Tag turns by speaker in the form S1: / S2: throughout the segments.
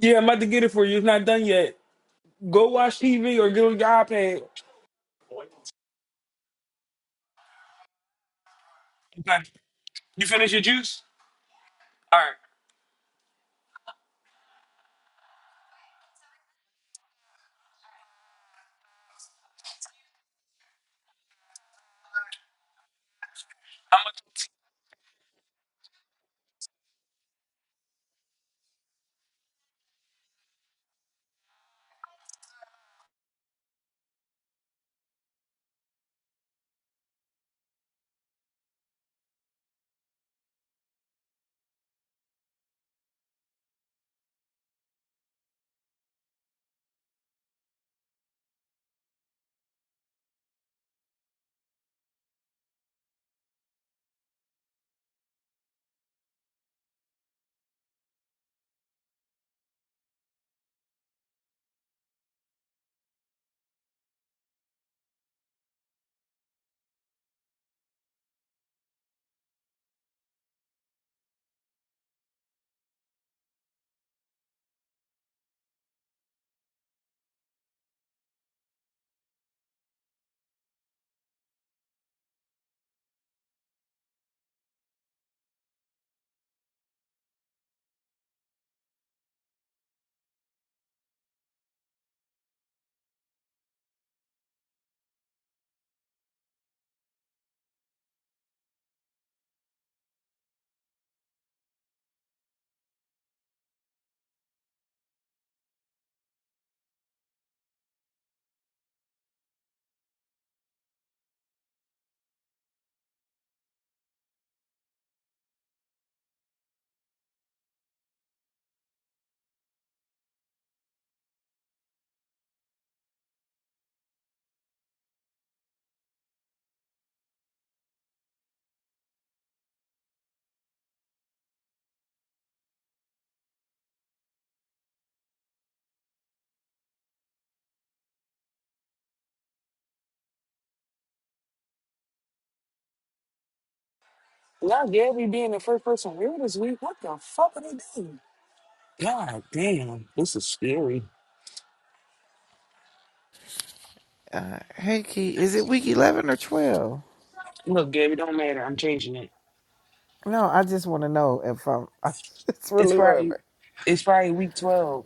S1: Yeah, I'm about to get it for you. It's not done yet. Go watch TV or get on your iPad. Okay. You finish your juice? All right. I'm gonna- God, Gabby being the first person real this week. What the fuck are they doing? God damn. This is scary.
S2: Uh, hey, Key, is it week 11 or 12?
S1: Look, Gabby, don't matter. I'm changing it.
S2: No, I just want to know if I'm. I just
S1: It's
S2: really want to
S1: probably
S2: know.
S1: it's probably week twelve.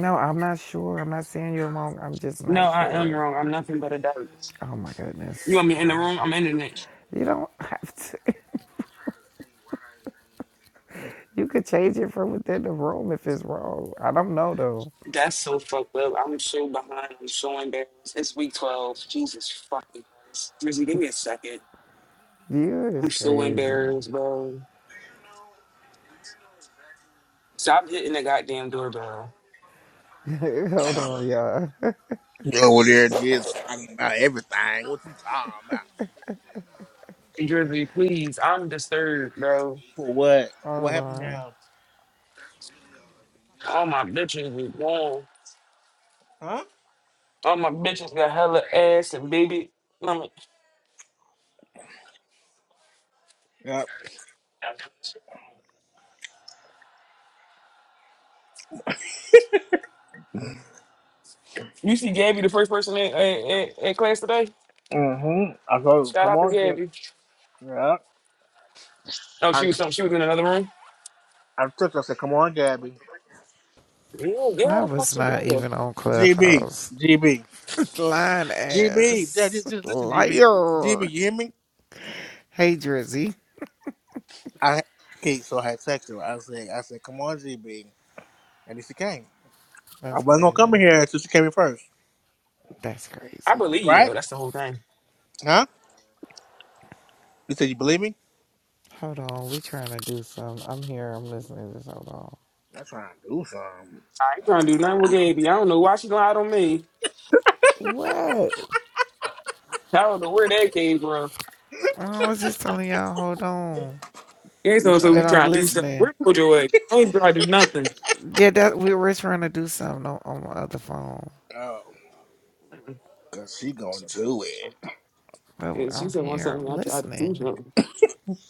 S2: No, I'm not sure. I'm not saying you're wrong. I'm just
S1: No,
S2: not
S1: I am
S2: sure.
S1: wrong. I'm nothing but a dog.
S2: Oh my
S1: You
S2: goodness.
S1: want me in the room? I'm in the it.
S2: You don't have to. You could change it from within the room if it's wrong. I don't know though.
S1: That's so fucked up. I'm so behind. I'm so embarrassed. It's week twelve. Jesus fucking Christ. Drizzy, give me a second.
S2: You
S1: I'm
S2: is
S1: so
S2: crazy.
S1: embarrassed, bro. Stop hitting the goddamn doorbell.
S2: Hold on, y'all.
S3: Over there just talking about everything. What you talking about?
S1: Drizzy, please, I'm disturbed, bro.
S3: For what? What
S2: Hold
S3: happened
S2: on.
S3: now?
S1: All my bitches is gone.
S3: Huh?
S1: All my bitches got hella ass and baby. mama.
S3: Yep.
S1: You see Gabby, the first person in, in, in, in class today?
S3: Mm-hmm. I told him,
S1: Shout
S3: come
S1: out to
S3: on, Gabby.
S1: Gabby.
S3: Yep.
S1: Oh,
S3: I,
S1: she was some,
S3: t-
S1: she was in another room?
S3: I took her, I said, come on, Gabby.
S1: Yeah, get all
S2: I
S1: the fuck
S2: was not
S1: together.
S2: even on
S3: GB.
S2: Clubhouse.
S3: GB.
S2: Lying
S3: GB. Yeah, just,
S2: ass.
S3: just listen, GB. GB,
S2: Liar.
S3: you hear me?
S2: Hey, Drizzy.
S3: I Okay, so I had texted her. I said, I said, come on, GB. And then she came. I
S2: That's
S3: wasn't going to come in
S2: crazy.
S3: here until she came in first.
S2: That's
S1: I
S2: crazy.
S1: believe you,
S3: Right?
S1: though. That's the whole thing.
S3: Huh? You said you believe me?
S2: Hold on. We trying to do some. I'm here. I'm listening to this. Hold on.
S3: I'm trying to do something.
S1: I ain't trying to do nothing with
S3: I-
S1: Gabby. I don't know why she lied on me.
S2: What?
S1: I don't know where that came from.
S2: I was just telling y'all, hold on.
S1: Yeah,
S3: We
S1: so, so we
S2: But
S3: trying
S2: I'm
S1: trying to do stuff.
S2: listening.
S1: Where Mojo at? I ain't trying to do nothing.
S2: Yeah, that we were trying to do something on, on my other phone.
S3: to. Cause she gonna do it.
S2: But
S1: And she
S2: I'm
S1: said, "Want
S2: here.
S1: something?
S2: I'm
S1: I tried to do
S2: listening.
S1: something."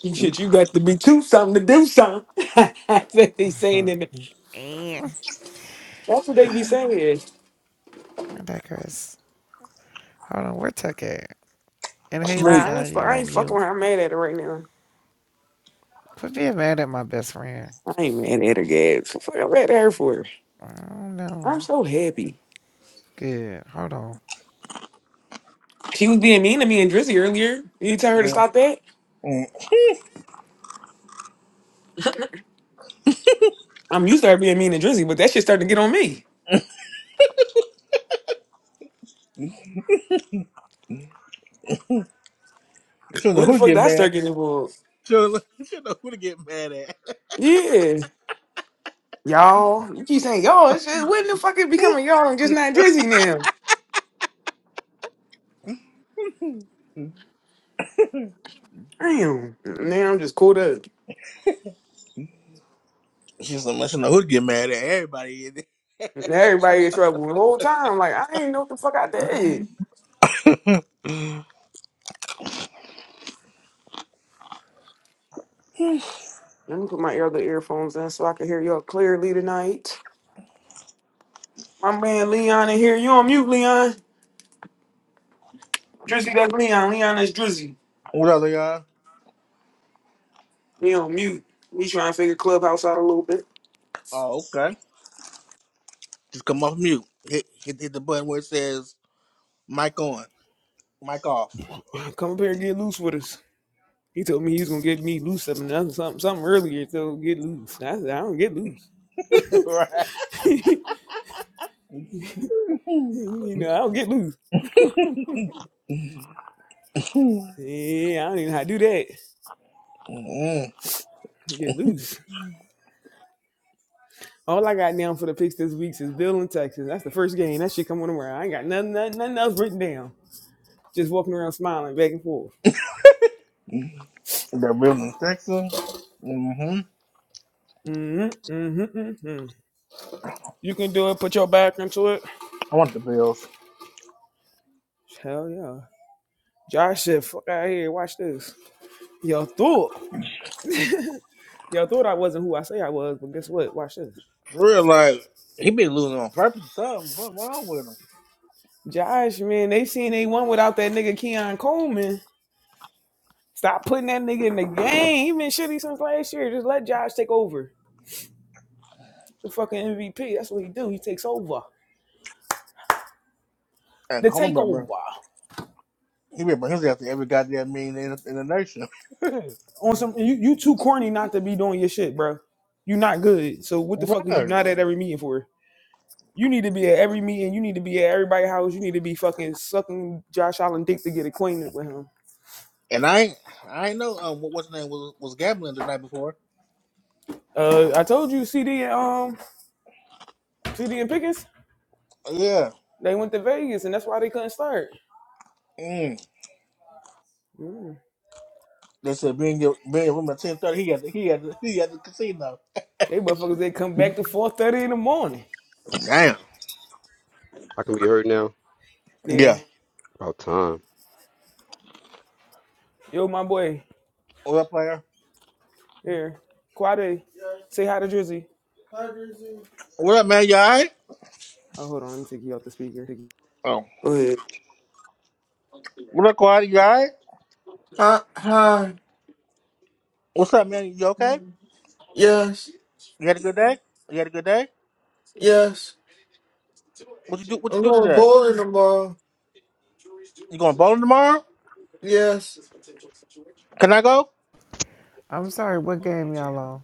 S1: You Shit, you got to be too something to do something. That's what they saying
S2: and
S1: in the,
S2: I
S1: That's what they be saying. Is
S2: digress. Hold on. Where Tuck at? And hey,
S3: Sleep.
S1: nah, I ain't
S2: Leon,
S1: fu-
S2: you
S1: I ain't
S2: on
S1: fucking
S2: mute.
S1: with her. I'm mad at her right now.
S2: Quit being mad at my best friend.
S1: I ain't mad at her, guys. Fuck, I'm mad at her for it.
S2: I don't
S1: I'm
S2: know.
S1: so happy.
S2: Good. Hold on.
S1: She was being mean to me and Drizzy earlier. You tell her to
S3: Mm,
S1: stop that.
S3: mm. she
S1: I'm used to her being mean to Drizzy, but that shit starting to get on me.
S3: don't know
S1: When the
S3: who to
S1: fuck did
S3: get
S1: I start
S3: mad.
S1: getting involved?
S3: She don't know, she don't know who to get mad at.
S1: Yeah, y'all. You keep saying y'all. It's just, when the fuck it becoming y'all and just not Drizzy now? Damn. Now I'm just caught up.
S3: She's like, she don't know who to get mad at. Everybody in it.
S1: And Everybody in trouble the whole time. Like I ain't know what the fuck I did. Let me put my other earphones in so I can hear y'all clearly tonight. My man Leon in here. You on mute, Leon? Drizzy, that's Leon. Leon is Drizzy.
S3: What other y'all?
S1: He on mute. We trying to figure Clubhouse out a little bit.
S3: Oh, okay. Just come off mute. Hit, hit hit the button where it says mic on, mic off.
S1: Come up here and get loose with us. He told me he was gonna get me loose something else- something something earlier. So get loose. I said I don't get loose.
S3: right. Mm-hmm.
S1: you know I don't get loose. Yeah, I don't even know how to do that. Get loose. All I got down for the picks this week is Bill and Texas. That's the first game. That shit coming around. I ain't got nothing, nothing, nothing else written down. Just walking around smiling back and forth.
S3: That Bill in Texas. Mm-hmm.
S1: Mm-hmm, mm-hmm, mm-hmm. You can do it. Put your back into it.
S3: I want the Bills.
S1: Hell yeah. Josh said, fuck out of here. Watch this. Y'all thought. Y'all thought I wasn't who I say I was, but guess what? Watch this.
S3: For real, like he been losing on purpose. or Something, something wrong with him.
S1: Josh, man, they seen they won without that nigga Keon Coleman. Stop putting that nigga in the game. He been shitty since last year. Just let Josh take over. The fucking MVP. That's what he do. He takes over.
S3: And
S1: the
S3: Coleman,
S1: takeover
S3: He been bring his ass to every goddamn meeting in the, in the nation.
S1: on some. You you too corny not to be doing your shit, bro. You not good. So what the fuck is you
S3: right.
S1: not at every meeting for? You need to be at every meeting. You need to be at everybody's house. You need to be fucking sucking Josh Allen dick to get acquainted with him.
S3: And I ain't- I ain't know um what what's his name was was gambling the night before.
S1: Uh, I told you, CD and um, CD and Pickens,
S3: Yeah.
S1: they went to Vegas, and that's why they couldn't start.
S3: Mm.
S1: Mm.
S3: They said being your being your room at ten thirty. He had the, he had the, he had the casino.
S1: They motherfuckers, they come back to four thirty in the morning.
S3: Damn.
S4: I can be heard now.
S1: Yeah,
S3: Yeah.
S4: About time.
S1: yo, my boy,
S3: What up, player?
S1: here, Quade, say hi to Drizzy.
S3: What up, man? You alright?
S1: Oh, hold on, let me take you off the speaker.
S3: Oh.
S1: Go ahead.
S3: What up, Quad? You alright?
S1: Hi, hi.
S3: What's up, man? You okay?
S1: Yes,
S3: You had a good day? You had a good day?
S1: yes.
S3: What you do? What you do today?
S1: Bowling tomorrow.
S3: You going bowling tomorrow?
S1: Yes.
S3: Can I go?
S2: I'm sorry. What game y'all on?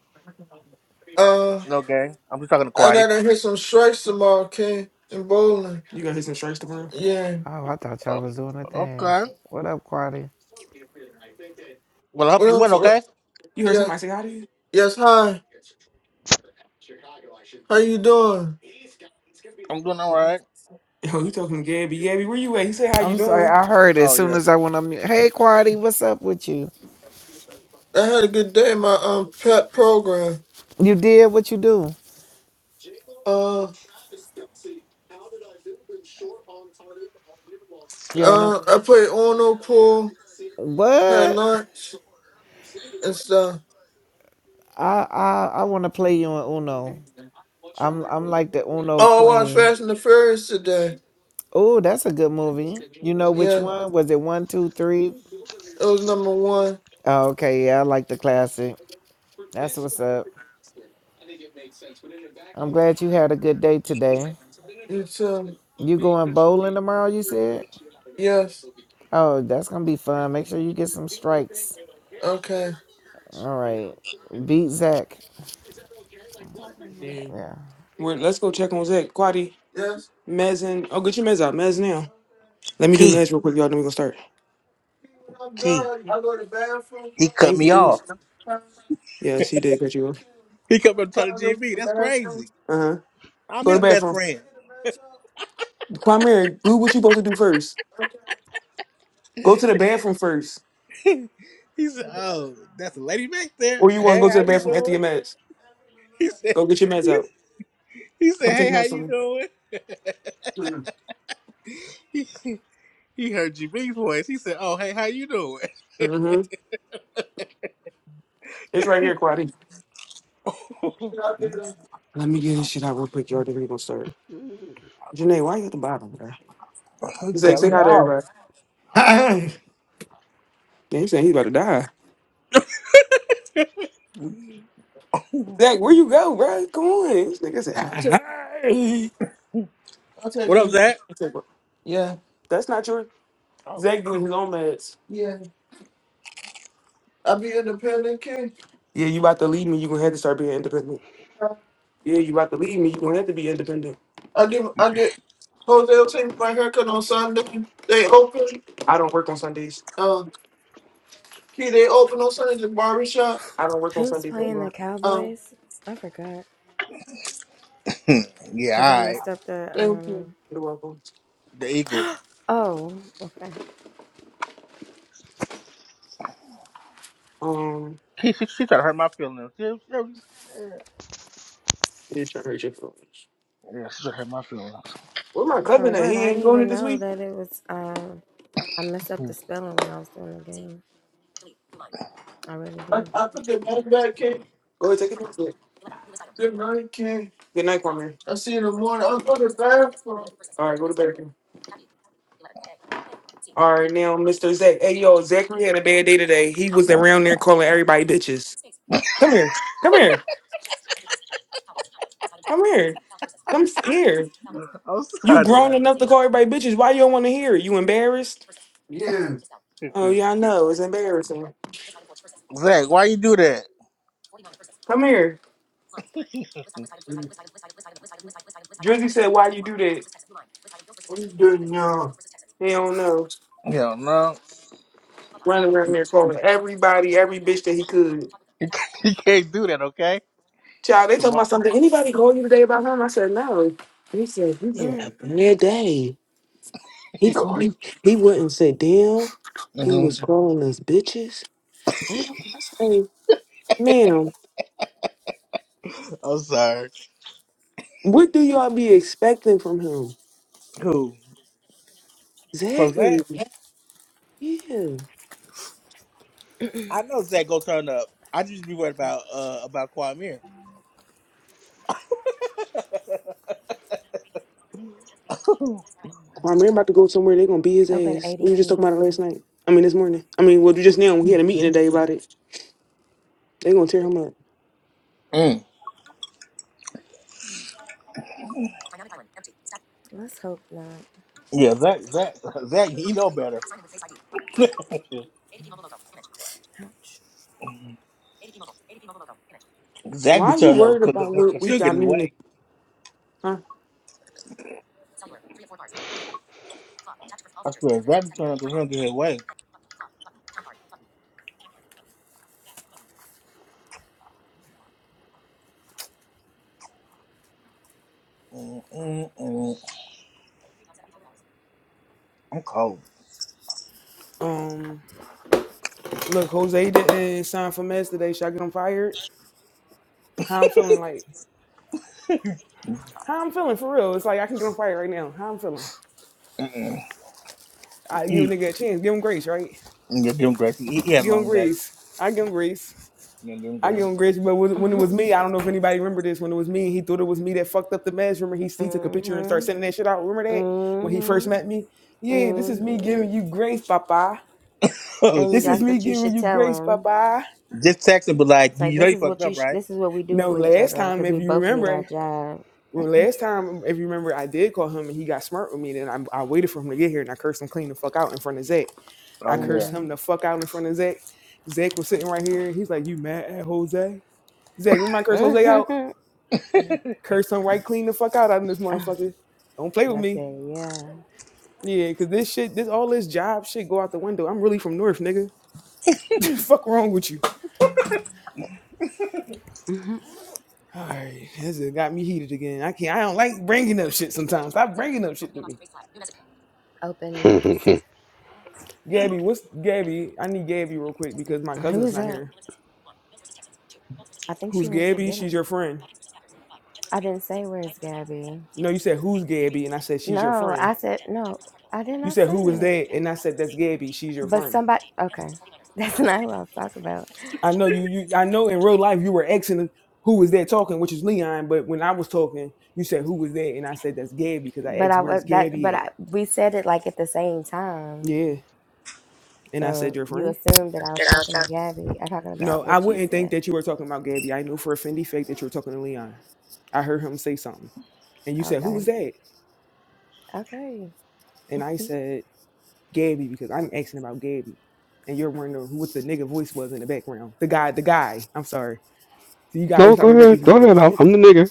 S3: No, gang. I'm just talking to
S1: I
S3: Quaddy.
S1: gotta hit some strikes tomorrow, King. In bowling. You gonna hit some strikes tomorrow? Yeah.
S2: Oh, I thought
S3: Uh,
S2: y'all was doing the
S3: okay.
S2: things. What up, Quadi?
S3: Well, I
S1: What
S3: hope you
S1: else?
S3: win.
S1: What?
S3: Okay.
S1: You heard Yeah. somebody say hi to you? Yes, hi. How you doing?
S3: I'm doing all right.
S1: Yo, you talking to Gabby? Gabby, where you at? He said, "How you
S2: I'm sorry,
S1: doing?"
S2: I heard it as
S3: Oh
S2: soon
S3: yeah.
S2: as I went on mute. Hey, Quadi, what's up with you?
S1: I had a good day in my um pet program.
S2: You did what you do.
S1: Uh
S2: You don't know
S1: I played Ono pool,
S2: what?
S1: so
S2: I I I want to play you in Uno. I'm I'm like the Uno
S1: oh I watched
S2: queen.
S1: Fast and the Furious today.
S2: Oh, that's a good movie. You know which one? Was it one, two, three?
S1: Number one.
S2: Oh, okay, yeah, I like the classic. That's what's up. I'm glad you had a good day today.
S1: So
S2: You going bowling tomorrow? You said.
S1: yeah,
S2: Oh, that's gonna be fun. Make sure you get some strikes.
S1: okay.
S2: All right. Beat Zach.
S1: Yeah.
S2: Yeah.
S1: We're, let's go check on Zach. Quadi, Yes. Mez, and oh, get your Mez out. Mez now. Let me do
S3: Key,
S1: Mez real quick, y'all. Then we gonna start. I'm
S3: Key,
S1: done. I go to the bathroom.
S3: he cut
S1: Thank you,
S3: me off.
S1: please. Yes, he did catch you. off.
S3: He come up talking
S1: Y'all
S3: to
S1: go to
S3: GB.
S1: the
S3: That's
S1: bathroom.
S3: crazy.
S1: Uh huh.
S3: I'm
S1: Go to the
S3: his best
S1: bathroom. I
S3: friend.
S1: Do what you supposed to do first. Okay. Go to the bathroom first,
S3: he said,
S1: Okay.
S3: "Oh, that's a lady back there.
S1: or you want to
S3: Hey,
S1: go to
S3: how
S1: the
S3: you
S1: bathroom after
S3: doing?"
S1: your meds.
S3: He said,
S1: Go get your meds
S3: "He,
S1: out.
S3: he said,
S1: Come take
S3: hey, how
S1: meds from
S3: you
S1: me.
S3: doing?" He, he heard GB's voice. He said, "Oh, hey, how you doing?"
S1: Mm-hmm. It's right here, Quadi. Let me get this shit out real quick, y'all. Then we gonna start.
S4: no,
S1: Janae, why you at the bottom? bro?
S3: He
S1: Zach,
S3: cut
S1: say
S3: me
S1: hi to
S3: off.
S1: everybody. Damn, he saying he's about to die. Zach, where you go, bro? Come on. This nigga said, I'll take, hi. I'll take
S3: what up,
S1: him.
S3: Zach?
S1: I said, "Bro, Yeah. That's not your
S3: Oh,
S1: Zach doing his own meds. Yeah. I'll be independent, kid. Yeah, you about to leave me. You gonna have to start being independent. Huh? Yeah, you about to leave me. You gonna have to be independent. I give I get Jose will take my haircut on Sunday. They open. I don't work on Sundays. Um, key they open on Sundays. the barbershop. I don't work on
S5: Who's
S1: Sundays
S5: playing the
S1: anymore.
S5: Cowboys? I forgot
S3: yeah,
S5: because I
S3: all right.
S5: messed up the
S1: Thank you.
S5: um.
S1: You're welcome.
S3: The Eagles.
S5: Oh, okay.
S1: Um,
S3: She, she, she tried to hurt my feelings. Yeah, she yeah,
S1: you just trying to hurt your feelings.
S3: she tried to hurt my feelings.
S1: Where my
S5: For
S1: cousin at?
S5: what?
S1: He
S5: I
S1: ain't
S5: didn't
S1: going it
S5: even
S1: this
S5: know
S1: week.
S5: that it was. Um, I messed up the spelling when I was doing the game. I really
S1: I,
S5: did.
S1: I put the money back in. Go ahead, take it back. Good night, King. Good night, Kwame. I'll see you in the morning. I'll go to bathroom. All right, go to bathroom. All right, now, Mr. Zach. Hey, yo, Zachary had a bad day today. He was around there calling everybody bitches. Come here. Come here. Come here. Come s- here.
S3: I'm
S1: You
S3: sorry, to
S1: grown
S3: laugh.
S1: enough to call everybody bitches. Why you don't want to hear it? You embarrassed? Oh, yeah, I know. It's embarrassing.
S3: Zach, why you do that?
S1: Come here. Drizzy said, "Why you do that?" I'm doing now. He don't know.
S3: Yo, no.
S1: Running around there calling everybody, every bitch that he could.
S3: You can't, you can't do that, okay?
S1: Child, they
S3: Come
S1: told
S3: on.
S1: my son, did anybody call you today about him? I said, no. He said, he had a bad day. He called, he he wouldn't sit down. He
S3: hmm
S1: was calling us bitches.
S5: Mm.
S1: And I say, ma'am,
S3: I'm sorry.
S1: what do y'all be expecting from him?
S3: Who? From
S1: Exactly.
S3: Zach?
S1: Yeah.
S3: I know Zach go turn up. I just be worried about uh about Kwame. mm.
S1: Kwame about to go somewhere, they going to beat his
S5: Open
S1: ass. We were just
S5: ADP.
S1: talking about it last night. I mean, this morning. I mean, well, just now, we had a meeting today about it. They gonna tear him up.
S3: Yeah,
S5: Let's hope not.
S3: Zach, Zach, Zach, he know better.
S5: Ouch.
S3: Zach be
S1: Why are you
S3: turning up
S1: worried about what
S3: because
S1: we
S3: he'll
S1: got?
S3: get
S1: I
S3: his
S1: mean, if-
S3: way.
S1: huh?
S3: I swear, Zach be turning up because he'll get his way. mm mm mm. I'm cold.
S1: Um, look, Jose didn't sign for Mets today. Should I get him fired? How I'm feeling like? How I'm feeling for real? It's like I can get him fired right now. How I'm feeling?
S3: Mm-mm.
S1: I give a
S3: He,
S1: nigga a chance. Give him grace, right?
S3: yeah, give him grace. He, he had a
S1: Give him
S3: long day.
S1: grace. I give him grace.
S3: Yeah, give him
S1: I
S3: grace.
S1: give him grace. But when when it was
S5: mhm.
S1: me, I don't know if anybody remember this. When it was me, he thought it was me that fucked up the Mets. Remember, he he took a picture and started
S5: Mhm.
S1: sending that shit out. Remember that when he first met me? Yeah, this is me
S5: Mhm.
S1: giving you grace, Papa.
S3: Oh,
S5: And
S1: This is
S5: that's
S1: me
S5: what
S3: shit.
S5: you
S1: giving
S5: should
S1: you
S5: tell
S1: grace,
S5: him.
S1: Papa.
S3: Just text him, but like,
S5: It's like
S3: you know
S5: this
S3: you
S5: is
S3: fucked
S5: what you.
S3: up,
S5: Sh-
S3: right?
S5: this is what we do
S1: No,
S5: for each
S1: last
S5: other
S1: time,
S5: because
S1: if
S5: we
S1: you
S5: both need our
S1: remember,
S5: job.
S1: well, last time, if you remember, I did call him and he got smart with me. Then I, I waited for him to get here and I cursed him clean the fuck out in front of Zach.
S3: Oh
S1: I
S3: yeah.
S1: cursed him
S5: Mhm.
S1: the fuck out in front of Zach. Zach was sitting right here. He's like, You mad at Jose? Zach, remember I cursed Jose out?
S5: Mhm.
S1: Cursed him right clean the fuck out out of this motherfucker. Don't play with
S5: Like I
S1: me.
S5: said, yeah.
S1: Yeah, because this shit, this all this job shit go out the window. I'm really from North, nigga. fuck wrong with you?
S5: hmm
S1: All right, this has got me heated again. I can't, I don't like bringing up shit sometimes. Stop bringing up shit to me.
S5: Open notes.
S1: Gabby, what's Gabby? I need Gabby real quick because my
S5: Who
S1: cousin's
S5: is
S1: not
S5: that?
S1: here.
S5: I think she
S1: Who's
S5: went to
S1: Gabby?
S5: get
S1: She's
S5: him.
S1: your friend.
S5: I didn't say where's Gabby.
S1: No, you said who's Gabby, and I said she's your
S5: No,
S1: friend.
S5: I said no. I did
S1: You
S5: not
S1: said
S5: say
S1: who is
S5: that.
S1: that, and I said that's Gabby. She's your
S5: But
S1: friend.
S5: somebody, okay, that's not what I was talking about.
S1: I know you. you I know in real life you were asking who was that talking, which is Leon. But when I was talking, you said who was that, and I said that's Gabby because I
S5: But
S1: asked
S5: I was
S1: where's
S5: that. But
S1: Gabby
S5: I,
S1: at.
S5: we said it like at the same time,
S1: Yeah, and I said
S5: so
S1: your
S5: you
S1: friend.
S5: assumed that I was talking to Gabby. I talking about
S1: No, I
S5: what you
S1: wouldn't think
S5: said.
S1: that you were talking about Gabby. I knew for a Fendi fact that you were talking to Leon. I heard him say something, and you said who
S5: Okay,
S1: was that,
S5: okay.
S1: and I said Gabby because I'm asking about Gabby, and you're wondering who what the nigga voice was in the background. The guy, the guy. I'm sorry. So you got to stop
S4: go
S1: worrying about
S4: ahead.
S1: these.
S4: Go ahead. I'm, I'm the nigger.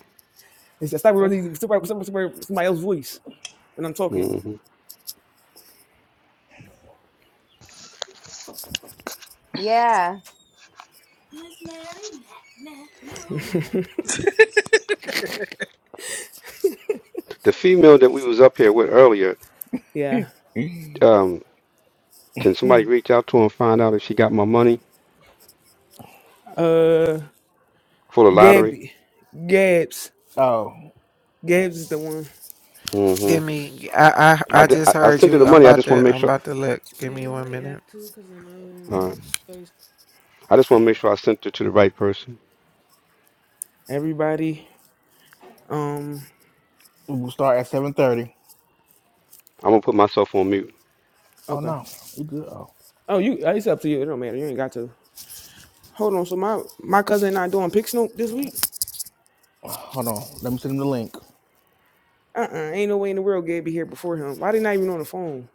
S1: It's just stop worrying about these. Somebody, somebody, somebody, else's voice when I'm talking.
S4: hmm
S5: yeah.
S4: The female that we was up here with earlier.
S1: Yeah.
S4: Um, can somebody reach out to her and find out if she got my money
S1: Uh,
S4: for the lottery?
S1: Gabby, Gabs,
S3: Oh
S1: Gabs is the one.
S4: hmm
S2: Give me. I I
S4: I,
S2: I
S4: di-
S3: yeah.
S2: just
S4: I I
S2: heard
S4: sent her the
S2: you. I'm
S4: money. I
S2: about
S4: just want to
S2: to.
S4: make
S2: I'm
S4: sure.
S2: about to look. Give me one minute.
S4: Uh, I just want to make sure I sent her to the right person.
S1: Everybody. Um.
S3: We'll start at seven thirty.
S4: I'm gonna put myself on mute.
S3: Oh
S1: Okay.
S3: no, we good. Oh,
S1: Oh, you. uh, It's up to you. It don't matter. You ain't got to. Hold on. So my my cousin and I doing pick snoop this week.
S3: hold on. Let me send him the link
S1: Uh uh Ain't no way in the world Gabby here before him. Why they not even on the phone?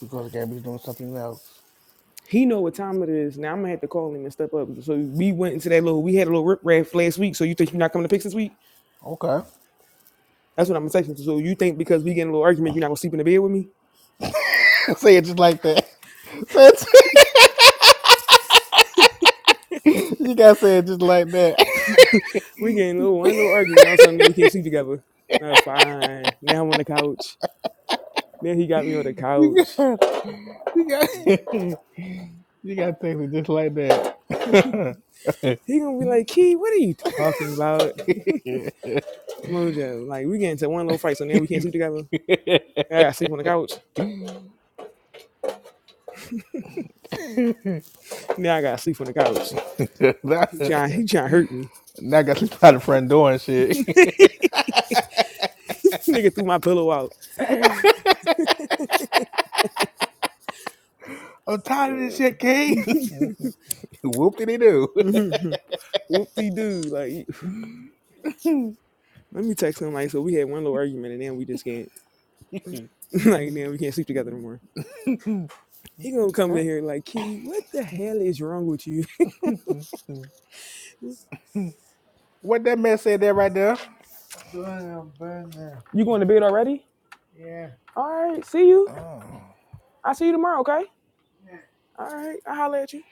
S3: because Gabby's doing something else.
S1: He know what time it is. Now I'm gonna have to call him and step up. So we went into that little we had a little rip raff last week. So you think you're not coming to picks this week?
S3: Okay.
S1: That's what I'm texting. So you think because we getting a little argument, you're not gonna sleep in the bed with me?
S3: say it just like that. Say it. you gotta say it just like that.
S1: we getting a little one little argument. All of a sudden we can't sleep together. No, fine. Now I'm on the couch. Then he got me on the
S3: you
S1: couch.
S3: got. You got. you gotta text it just like that.
S1: He gonna be like, Key, what are you talking about? Mojo. Like we get into one little fight, so now we can't sleep together. Now I gotta sleep on the couch. Now I gotta sleep on the couch. He trying, he trying to hurt me.
S3: Now I got to by the friend doing shit.
S1: Nigga threw my pillow out.
S5: That's
S3: I'm tired of this shit, King. Whoop did he do?
S1: whoop-de doo. Like, let me text him. Like, so we had one little argument, and then we just can't. Like, then we can't sleep together anymore. He gonna come in here like, Key, what the hell is wrong with you?
S3: what that man said there right there?
S1: you going to bed already? All right, see you.
S3: Oh,
S1: I'll see you tomorrow, okay? All right, I'll holler at you.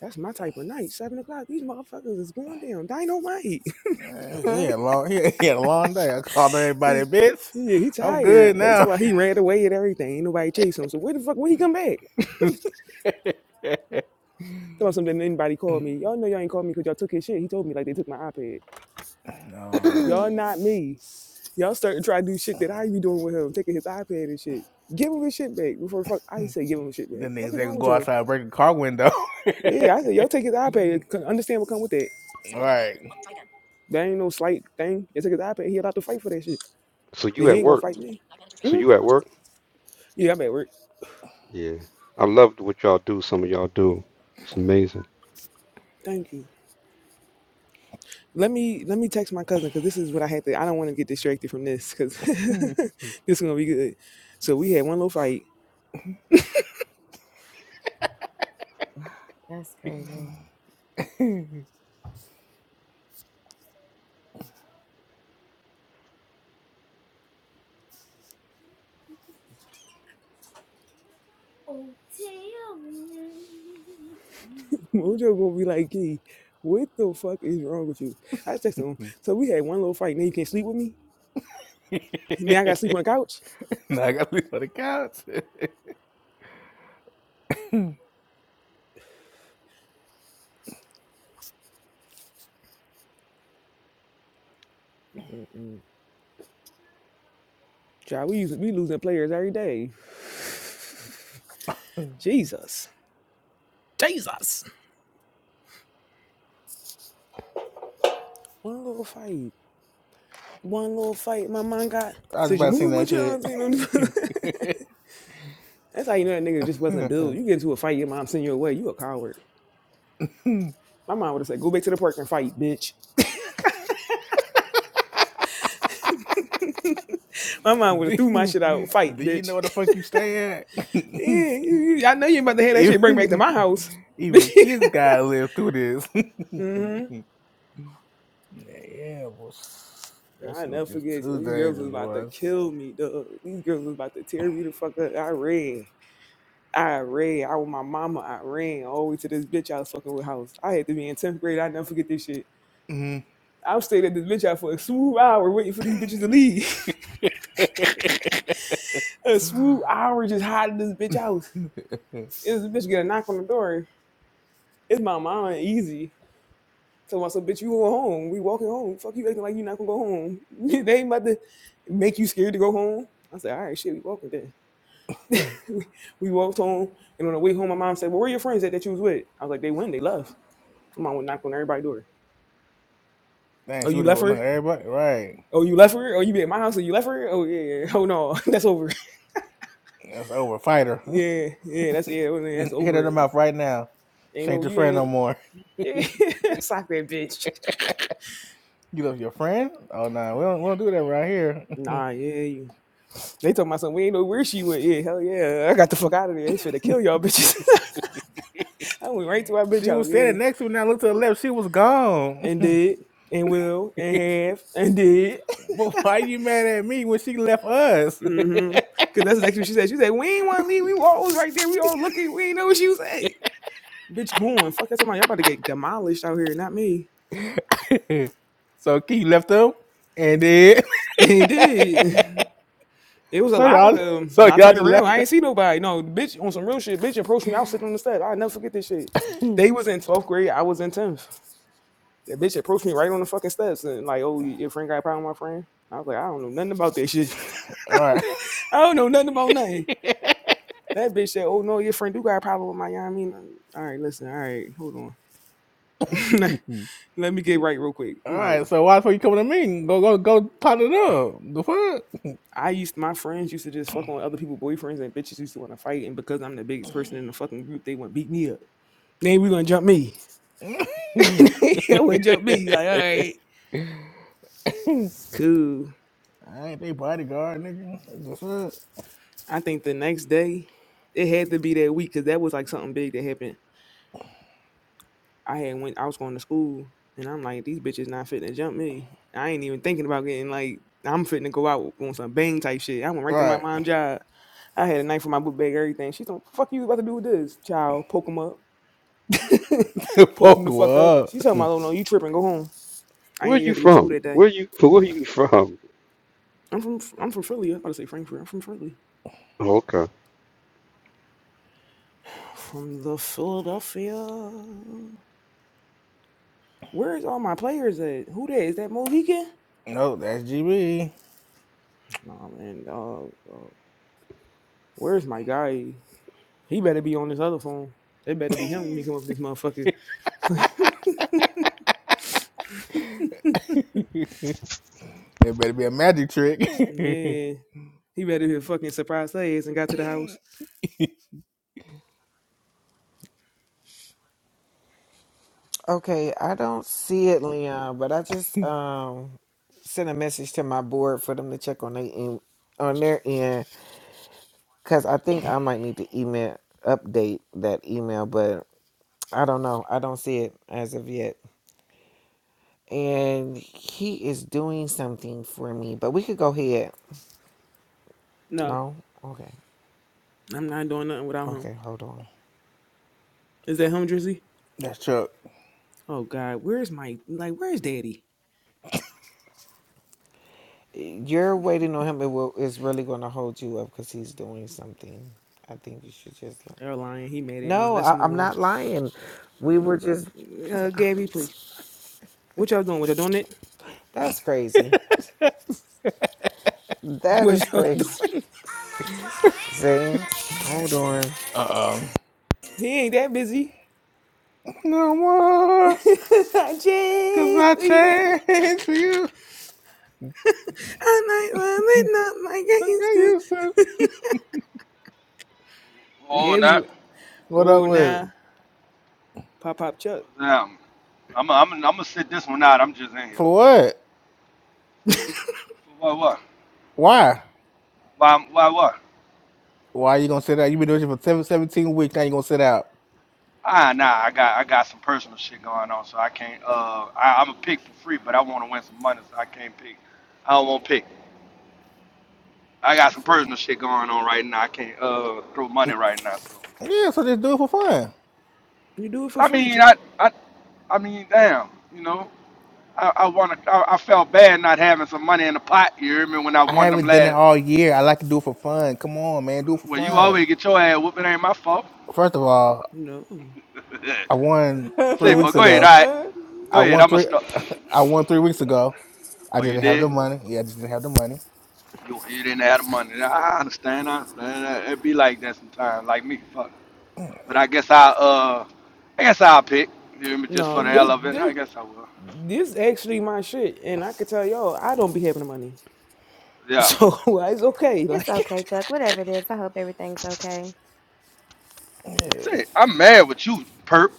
S1: That's my type of night. Seven o'clock. These motherfuckers is going down. Dynamite.
S3: he had a long, he had, he had a long day. I called everybody,
S1: yeah,
S3: bitch.
S1: he
S3: I'm good
S1: tired. They
S3: now.
S1: talk about he ran away and everything. Ain't nobody chase him. So where the fuck when he come back? Talk about something. Anybody called me? Y'all know y'all ain't called me because y'all took his shit. He told me like they took my iPad.
S3: no,
S1: Y'all not me. Y'all starting to try to do shit that I be doing with him, taking his iPad and shit. Give him his shit back before fuck. I say give him his shit back.
S3: then
S1: Fuck
S3: niggas
S1: is
S3: they
S1: wrong
S3: can
S1: with
S3: go
S1: y'all?
S3: outside and break the car window.
S1: Yeah, I said y'all take his iPad. Understand what come with that?
S3: right.
S1: That ain't no slight thing. Y'all take his iPad. He allowed to fight for that shit.
S4: So
S1: And
S4: you
S1: he
S4: at
S1: ain't gonna
S4: work?
S1: fight me.
S4: So
S1: hmm
S4: you at work?
S1: Yeah, I'm at work.
S4: Yeah. I loved what y'all do. Some of y'all do. It's amazing.
S1: Thank you. Let me let me text my cousin because this is what I had to. I don't want to get distracted from this because
S3: now
S1: this is gonna be good. So we had one little fight.
S5: crazy.
S1: Mojo gonna be like, "Gee, what the fuck is wrong with you?" I texted him. So we had one little fight. Now you can't sleep with me. Now I gotta sleep on the couch.
S3: I got to sleep on the couch.
S1: Mm-mm-mm. Child, we using, we losing players every day. Jesus, Jesus. one little fight, one little fight. My mom got
S3: I was
S1: said
S3: about
S1: you
S3: to sing
S1: moving
S3: that
S1: with your
S3: shit.
S1: auntie. That's how you know that nigga just wasn't built. You get into a fight, your mom send you away. You a coward. My mom would have said, "Go back to the park and fight, bitch." My mom would have
S3: do,
S1: threw my shit out. Fight,
S3: do you know
S1: bitch.
S3: where the fuck you stay at?
S1: I know you about to have that shit. Bring back to
S3: even
S1: my house.
S3: even his guy lived through this.
S1: hmm
S3: yeah, well, that
S1: I
S3: shit was
S1: never
S3: just
S1: forget. So
S3: too
S1: these girls was
S3: dangerous,
S1: about to
S3: boy.
S1: kill me, dog. These girls was about to tear me the fuck up. I ran. I ran. I was my mama I ran all the way to this bitch I was fucking with house. I had to be in 10th grade. I never forget this shit.
S3: Mhm.
S1: I was staying at this bitch out for a smooth hour waiting for these bitches to leave. a smooth hour just hiding this bitch house.
S3: Dang,
S1: It was the bitch get a knock on the door. It's my mama and easy. So I said, bitch, you going home. We walking home. Fuck you acting like you not gonna go home. they ain't about to make you scared to go home. I said, all right, shit, we walking then.
S3: she
S1: we walked home. And on the way home, my mom said, Well, where are your friends at that you was with? I was like, They went, they left. My mom would knock on everybody's door. Oh,
S3: would
S1: you
S3: have
S1: left
S3: go
S1: her?
S3: look everybody. Right.
S1: Oh, you left her? Oh, you be at my house and you left her? Oh yeah. Oh no, that's over.
S3: That's over. fighter.
S1: Yeah, yeah, that's yeah, oh, man, that's
S3: Hit her in the
S1: over.
S3: mouth right now.
S1: Ain't
S3: She ain't
S1: no,
S3: your
S1: you
S3: friend no
S1: ain't.
S3: more.
S1: Yeah, sock that bitch.
S3: You left your friend? Oh no, nah, we don't we don't do that right here.
S1: Nah, yeah. You. They talking about something. We ain't know where she went. Yeah, hell yeah. I got the fuck out of there. They finna kill y'all bitches. I went right to my bitch
S3: she
S1: house.
S3: was
S1: Yeah,
S3: standing next to me. Now look to the left. She was gone.
S1: and did and will and have and did.
S3: but why you mad at me when she left us?
S1: Mm-hmm. Cause that's exactly what she said. She said we ain't want to leave. We all was right there. We all looking. We ain't know what she was at. Bitch, going. Fuck, that's talking about y'all about to get demolished out here. Not me.
S3: so Keith left them, and then
S1: It did. It was a
S3: so
S1: lot of
S3: y'all
S1: them.
S3: so
S1: And I
S3: y'all
S1: turned
S3: just
S1: around.
S3: left.
S1: I
S3: them?
S1: ain't see nobody. No, the bitch on some real shit. Bitch approached me. I was sitting on the steps. I'll never forget this shit. They was in 12th grade. I was in 10th. That bitch approached me right on the fucking steps and like, oh, your friend got a problem with my friend? I was like, I don't know nothing about that shit.
S3: All right.
S1: I don't know nothing about nothing. That bitch said, oh, no, your friend do got a problem with my, you know what I mean? All right, listen. All right, hold on. Let me get right real quick.
S3: All
S1: I'm out.
S3: right, so why the fuck you coming to me? Go, go, go, pot it up. The fuck?
S1: I used my friends used to just fuck on other people's boyfriends and bitches used to want to fight and because I'm the biggest person in the fucking group, they want beat me up. Then we gonna jump me. yeah, we jump me. Like, all right, cool.
S3: I ain't they bodyguard, nigga. The fuck?
S1: I think the next day, it had to be that week because that was like something big that happened. I had went. I was going to school, and I'm like, these bitches not fitting to jump me. I ain't even thinking about getting like I'm fitting to go out on some bang type shit. I went right
S3: All
S1: to my
S3: right,
S1: mom's job. I had a knife in my book bag, everything. She's like, fuck you about to do with this, child. Poke him up. Poke
S3: fuck
S1: him the fuck up.
S3: what?
S1: She talking about, oh no, you tripping, go home. I
S4: Where
S1: ain't
S4: are
S1: even
S4: you
S1: had to go to school
S4: from?
S1: that day.
S4: Where you? Where are you from?
S1: I'm from I'm from Philly. I was about to say Frankfurt. I'm from Philly.
S4: Okay.
S1: From the Philadelphia. Where's all my players at? Who that? Is that Mohican?
S3: No, that's GB.
S1: Nah, man. Uh, uh, where's my guy? He better be on this other phone. It better be him when he come up this motherfucker.
S3: it better be a magic trick.
S1: yeah. He better be a fucking surprised her ass and got to the house.
S6: Okay, I don't see it, Leon, but I just um sent a message to my board for them to check on they em- on their end because I think I might need to email update that email, but I don't know. I don't see it as of yet. And he is doing something for me, but we could go ahead.
S1: No,
S6: No, okay,
S1: I'm not doing nothing without him.
S6: okay, hold on.
S1: Is that him, Drizzy?
S3: that's Chuck.
S1: Oh, God. Where's my, like, where's daddy?
S6: You're waiting on him. It will. It's really going to hold you up because he's doing something. I think you should just. Let
S1: Airline, he mad at me.
S6: no,
S1: Let's
S6: I,
S1: move
S6: I'm not lying. We were just
S1: on. Uh, Gabby, please. What y'all doing? What y'all doing? it?
S6: That's crazy. That is
S1: What y'all doing?
S6: crazy. See? Hold on.
S3: Uh oh.
S1: He ain't that busy.
S3: No more,
S1: Jerry,
S3: cause I changed for you.
S1: I might want it not like I
S3: I got
S1: used to.
S3: used to. it.
S7: Oh,
S1: Gary,
S7: not
S3: What up
S1: oh
S3: with it?
S1: nah, pop pop Chuck.
S7: damn. I'm I'm I'm gonna sit this one out. I'm just in here.
S3: For what?
S7: What what?
S3: Why?
S7: Why why what?
S3: Why are you gonna sit out? you have been doing it for seven, seventeen weeks. Now you gonna sit out?
S7: Ah nah, I got I got some personal shit going on, so I can't. Uh, I, I'm gonna pick for free, but I want to win some money, so I can't pick. I don't want to pick. I got some
S1: So,
S7: personal shit going on right now. I can't uh throw money right now. So
S3: Yeah, so just do it for fun.
S1: you do
S7: I mean, I
S1: Chuck?
S7: I I mean, damn, you know. I, I want to. I, I felt bad not having some money in the pot. You hear me? When I
S3: I
S7: won them
S3: haven't done it
S7: last.
S3: all year. I like to do it for fun. Come on, man, do it for
S7: Well, you
S3: fun.
S7: always get your ass whooped. It ain't my fault.
S3: First of all,
S1: No,
S3: I won three
S7: Say,
S3: weeks
S7: but go ahead,
S3: ago.
S7: all right. Go
S3: I
S7: ahead,
S3: won
S7: I'ma
S3: three.
S7: stop.
S3: I won three weeks ago. I
S7: Are you
S3: didn't have
S7: there?
S3: the money. Yeah, I just didn't have the money.
S7: You, you didn't have the money. I understand. I understand. It be like that sometimes, like me. Fuck. But I guess I uh, I guess I'll pick. You hear me? Just
S3: Yeah,
S7: for
S1: no.
S7: the
S3: yeah.
S7: hell
S1: This
S7: of it, I
S1: this
S7: guess I will.
S1: this actually my shit, and I could tell y'all I don't be having the money,
S7: Yeah.
S1: so it's okay.
S5: It's
S1: Like,
S5: okay, Chuck. Whatever it is, I hope everything's okay.
S7: Say, I'm mad with you, perp.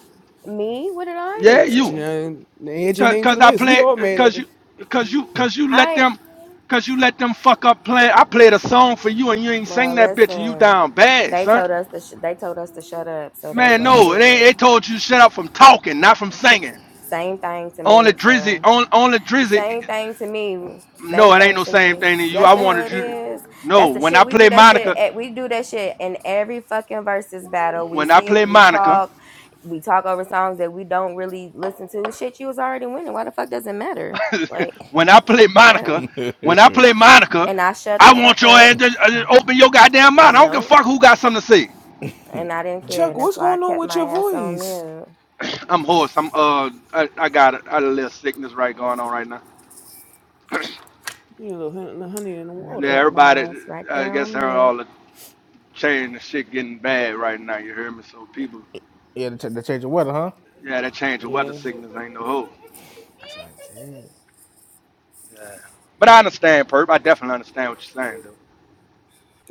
S5: Me? What did I
S7: Yeah, you.
S1: you
S5: do?
S1: know, add your
S7: Cause,
S1: name to
S7: cause
S1: the
S7: I
S1: list. We
S7: play.
S1: all mad at
S7: Cause
S1: her.
S7: you. Cause you. Cause you let
S5: I
S7: them. Cause you let them fuck up playing. I played a song for you and you ain't sing
S5: well,
S7: that bitch and you
S5: listen.
S7: down bad,
S5: They
S7: son.
S5: told us to sh- they told us to shut up, so that's
S7: Man,
S5: what I
S7: no, it ain't.
S5: did.
S7: They told you shut up from talking, not from singing.
S5: Same thing to
S7: Only
S5: me.
S7: Drizzy,
S5: So
S7: on on Drizzy.
S5: Same thing to me.
S7: No,
S5: Same
S7: it ain't
S5: thing
S7: no
S5: to
S7: same
S5: me.
S7: thing to you.
S5: Yes,
S7: I
S5: the hell
S7: wanted
S5: it
S7: you. to-
S5: is.
S7: No,
S5: That's the
S7: when
S5: shit.
S7: I
S5: We do
S7: play
S5: that shit.
S7: Monica,
S5: At, we do that shit in every fucking versus battle. We
S7: when I play
S5: sing, we
S7: Monica,
S5: talk, we talk over songs that we don't really listen to. Shit, you was already winning. Why the fuck does it matter? Like,
S7: when I play
S5: okay.
S7: Monica, when I play Monica,
S5: And I shut
S7: I
S5: the
S7: want
S5: fuck
S7: your ass
S5: up.
S7: to uh, open your goddamn mouth. I don't give a
S5: Nope.
S7: fuck who got something to say.
S5: And I didn't care.
S1: Chuck,
S5: And that's
S1: what's
S5: why I
S1: going on
S5: kept
S1: with
S5: my
S1: your
S5: ass on
S1: voice?
S5: mute.
S7: I'm hoarse. I'm uh, I, I got a, a little sickness right going on right now.
S1: You know, the honey in the
S5: And I
S7: Yeah,
S1: water.
S5: kept my
S7: everybody,
S5: ass right
S7: I
S5: there
S7: guess
S5: on
S7: they're
S5: mute.
S7: all the change and shit getting bad right now. You hear me? So people,
S3: yeah, the, ch- the change of weather, huh?
S7: yeah, that change of weather
S1: Yeah.
S7: sickness ain't no hope.
S3: I'm trying to tell you.
S7: Yeah. But I understand, Perp. I definitely understand what you're saying, though.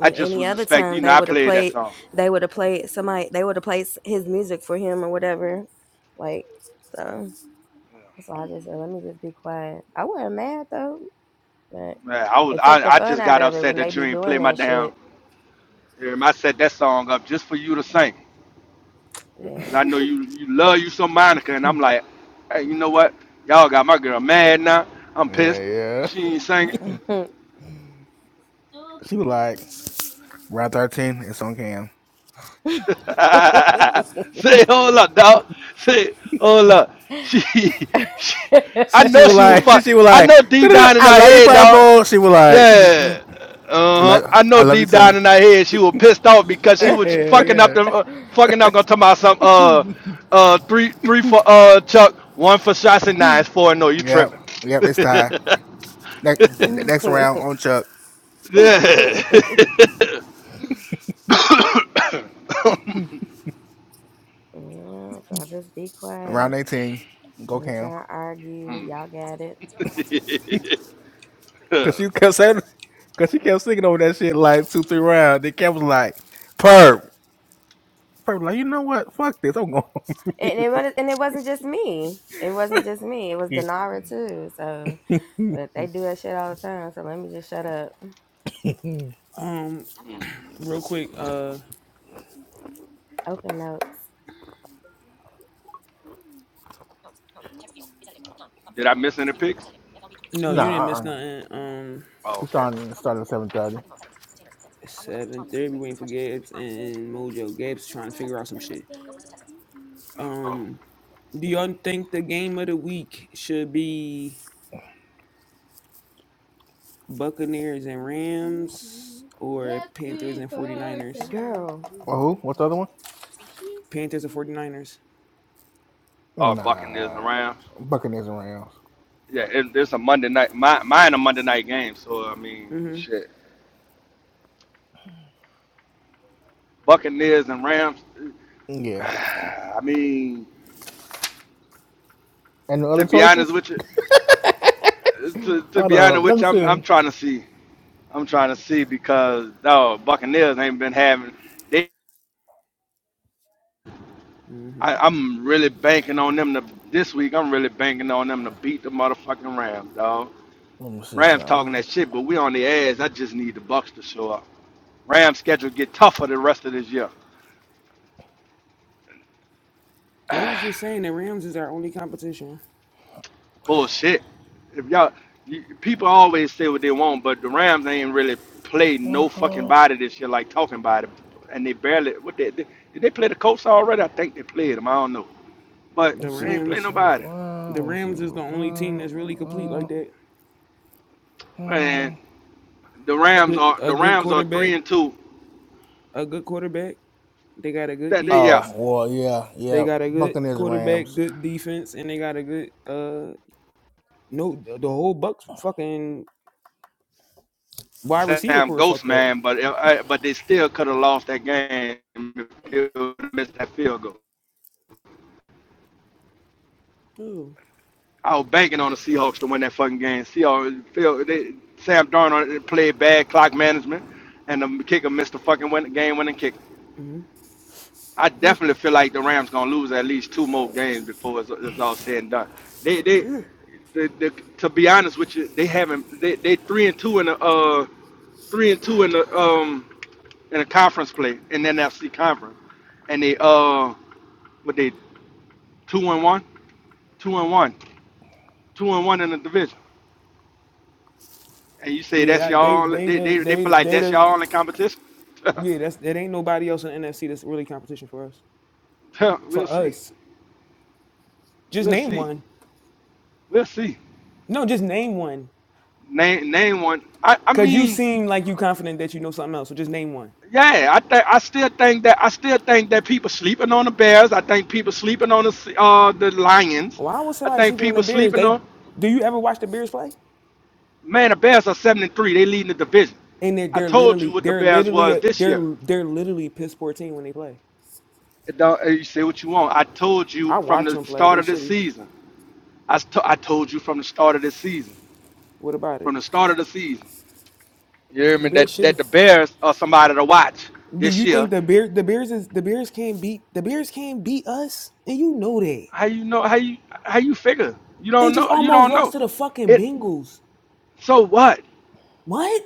S7: I just
S5: any
S7: was
S5: other
S7: expecting,
S5: time
S7: you know,
S5: they
S7: I
S5: would have
S7: played that
S5: played,
S7: song.
S5: they would have played somebody, they would have played his music for him or whatever. Like, so
S7: Yeah.
S5: that's why I just said, let me just be quiet. I wasn't mad though, but
S7: Man, I was,
S5: it took
S7: I,
S5: the
S7: I
S5: fun
S7: just
S5: out
S7: got
S5: of it
S7: upset
S5: when they
S7: that you
S5: be
S7: ain't
S5: doing
S7: play my
S5: that
S7: damn.
S5: shit.
S7: um, I set that song up just for you to sing, cause
S5: Yeah.
S7: I know you, you love you some Monica, and I'm like, hey, you know what? Y'all got my girl mad now. I'm pissed.
S3: Yeah, yeah.
S7: She ain't singing.
S3: She was like, round 13, it's on cam.
S7: Say, hold up, dog. Say, hold up. She, she, I
S3: She,
S7: know
S3: she was
S7: she was
S3: like, she,
S7: fuck.
S3: she was
S7: I
S3: like,
S7: know deep down in
S3: I
S7: her
S3: love you,
S7: head, dog.
S3: Purple. She was like, she just, mm,
S7: Yeah. Uh-huh.
S3: like,
S7: I
S3: I
S7: know
S3: love you
S7: deep
S3: too.
S7: down in her head she was pissed off because she was fucking up
S3: yeah,
S7: the uh, fucking up gonna talk about some uh uh three three for uh Chuck, one for shots and
S3: yeah.
S7: nines, four and no, you
S3: Yep,
S7: tripping.
S3: yep, it's time. Next,
S5: Yeah,
S3: next round on Chuck,
S7: yeah.
S5: so just be
S3: round
S5: quiet.
S3: 18.
S5: I
S3: Go
S5: ain't
S3: Cam.
S5: trying to argue. Y'all got it.
S3: Cause you kept saying, cause she kept singing over that shit like two, three rounds. Then Cam was like, "Perp, perp." Like you know what? Fuck this. I'm going.
S5: And it was, and it wasn't just me. It wasn't just me. It was Denara too. So, but they do that shit all the time. So let me just shut up.
S1: Um. Real quick, uh,
S5: Open notes.
S7: Did I miss any picks?
S1: no, you didn't
S3: nah,
S1: miss
S3: uh-uh.
S1: nothing. Um,
S7: Oh,
S3: we
S7: okay.
S3: starting starting at seven thirty.
S1: seven thirty, we waiting for Gabs and Mojo. Gabs trying to figure out some shit.
S7: Oh.
S1: Um, do y'all think the game of the week should be Buccaneers and Rams or Panthers
S5: Happy
S1: and 49ers?
S5: birthday, girl.
S3: Oh, who? What's the other one?
S1: Panthers and 49ers.
S7: or Buccaneers and
S3: Nah,
S7: Rams.
S3: Buccaneers and Rams.
S7: Yeah, it, it's a Monday night. My, mine a Monday night game. So I mean,
S1: Mm-hmm.
S7: shit. Buccaneers and Rams.
S3: Yeah,
S7: I mean,
S3: and the
S7: to
S3: other
S7: be honest
S3: choices?
S7: with you, to, to
S3: Hold
S7: be honest
S3: on, let
S7: with
S3: me
S7: you, I'm I'm
S3: see.
S7: trying to see. I'm trying to see because oh, Buccaneers ain't been having. They,
S1: Mm-hmm.
S7: I, I'm really banking on them to this week. I'm really banking on them to beat the motherfucking Rams, dog.
S3: Let me see
S7: Rams talking
S3: something.
S7: that shit, but we on the ass. I just need the Bucks to show up. Rams schedule get tougher the rest of this year.
S1: They was just saying the Rams is our only competition.
S7: Bullshit. If y'all you, people always say what they want, but the Rams ain't really played no
S3: Where,
S7: fucking
S3: uh,
S7: body this year, like talking about it. And they barely what they, they did they play the Colts already? I think they played them. I don't know, but
S1: The
S3: let's see,
S7: they ain't play
S1: Rams,
S3: Buccaneers. and
S7: nobody.
S1: the Rams is the
S3: Let's see.
S1: only team that's really
S3: Uh,
S1: complete
S3: uh,
S1: like that.
S3: hmm.
S7: And the Rams
S1: Good,
S7: are
S1: a
S7: the
S1: good
S7: Rams are
S1: quarterback,
S7: three and two.
S1: a good quarterback. They got a good
S7: That they yeah,
S1: defense
S3: Oh well, yeah,
S1: They
S3: yeah.
S1: got a good
S3: Buccaneers and
S1: quarterback,
S3: Rams.
S1: good defense, and they got a good uh no the, the whole Bucks fucking wide receiver
S7: Sam
S1: core
S7: Ghost
S1: fucked up.
S7: man, but uh, uh, but they still could have lost that game if they would've missed that field goal.
S1: Ooh.
S7: I was banking on the Seahawks to win that fucking game. Seahawks failed. They, Sam Darnold played bad clock management, and the kicker missed the fucking win, game-winning kick.
S1: Mm-hmm.
S7: I definitely feel like the Rams gonna lose at least two more games before it's, it's all said and done. They, they, the, the, to be honest with you, they haven't. They, they three and two in the uh three and two in the um in the conference play in the NFC conference, and they uh what they two and one, two and one, two and one in the division. And you say
S1: Yeah,
S7: that's
S1: that, they
S7: y'all.
S1: they
S7: They, they,
S1: the
S7: they
S1: they
S7: feel like
S1: they
S7: that's
S1: the
S7: y'all in competition.
S1: yeah, that's that ain't nobody else in the NFC that's really competition for us.
S7: we'll
S1: For
S7: see.
S1: us. Just
S7: We'll
S1: name
S7: see.
S1: one.
S7: We'll see.
S1: No, just name one.
S7: Name name one. I, I
S1: Cause you
S7: mean,
S1: seem like you confident that you know something else. So just name one.
S7: yeah. I think I still think that I still think that people sleeping on the Bears. I think people sleeping on the Se- uh the Lions.
S1: Why was
S7: I
S1: somebody
S7: think
S1: sleeping on
S7: people
S1: the Bears?
S7: sleeping on.
S1: They do you ever watch the Bears play?
S7: Man, the Bears are seven and three. They leading the division.
S1: And they're
S7: I
S1: they're
S7: told you
S1: literally
S7: what the
S1: they're
S7: Bears
S1: literally
S7: was
S1: a,
S7: this
S1: they're
S7: year.
S1: they're literally a piss poor team when they play.
S7: It don't, uh, you say what you want. I told you
S1: I
S7: from
S1: watch
S7: the
S1: them play.
S7: start
S1: They
S7: of the
S1: shitty.
S7: season. I, s- to- I told you from the start of the season.
S1: What about
S7: from
S1: it?
S7: the start of the season. You hear
S1: The
S7: me? That
S1: Bears
S7: that
S1: shitty.
S7: the Bears are somebody to watch
S1: Do
S7: this
S1: you
S7: year.
S1: think the bear the Bears is the Bears can't beat the Bears can't beat us? And you know that.
S7: How you know? How you how you figure? You
S1: They
S7: don't
S1: just
S7: know. You
S1: almost
S7: don't
S1: lost
S7: know.
S1: to the fucking
S7: It.
S1: Bengals.
S7: So what?
S1: What?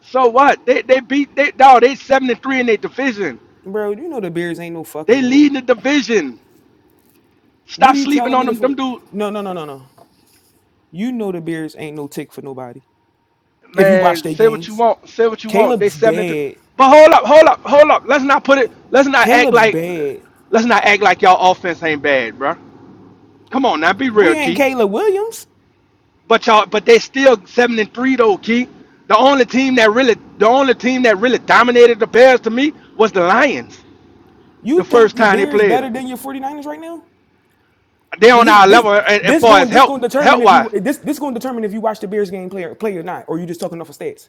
S7: So what? They they beat they dog. They seventy three in their division.
S1: Bro, you know the Bears ain't no
S7: They
S1: fucking
S7: leading
S1: no.
S7: the division.
S1: What
S7: Stop
S1: are you
S7: sleeping
S1: telling me
S7: on
S1: that
S7: them.
S1: for
S7: Them dude.
S1: No, no, no, no, no. You know the Bears ain't no tick for nobody. If you watch
S7: Man,
S1: their
S7: say what you
S1: games.
S7: want. Say what you want. They
S1: Caleb's
S7: seventy three.
S1: bad.
S7: But hold up, hold up, hold up. Let's not put it. Let's not act
S1: Caleb's
S7: like.
S1: bad.
S7: Let's not act like y'all offense ain't bad, bro. Come on now, be
S1: We
S7: real,
S1: ain't
S7: Keith.
S1: Caleb Williams.
S7: But y'all, but they still seven and three though, Key. The only team that really, the only team that really dominated the Bears to me was the Lions. The
S1: You
S7: first
S1: think your
S7: time they
S1: Bears
S7: played them,
S1: better than your 49ers right now?
S7: they on
S1: Because
S7: our
S1: this this
S7: level as, as
S1: this
S7: far as
S1: going this
S7: help,
S1: going to determine
S7: help
S1: if
S7: wise,
S1: you this this going to determine if you watch the Bears game play or, play or not, or you just talking off of stats.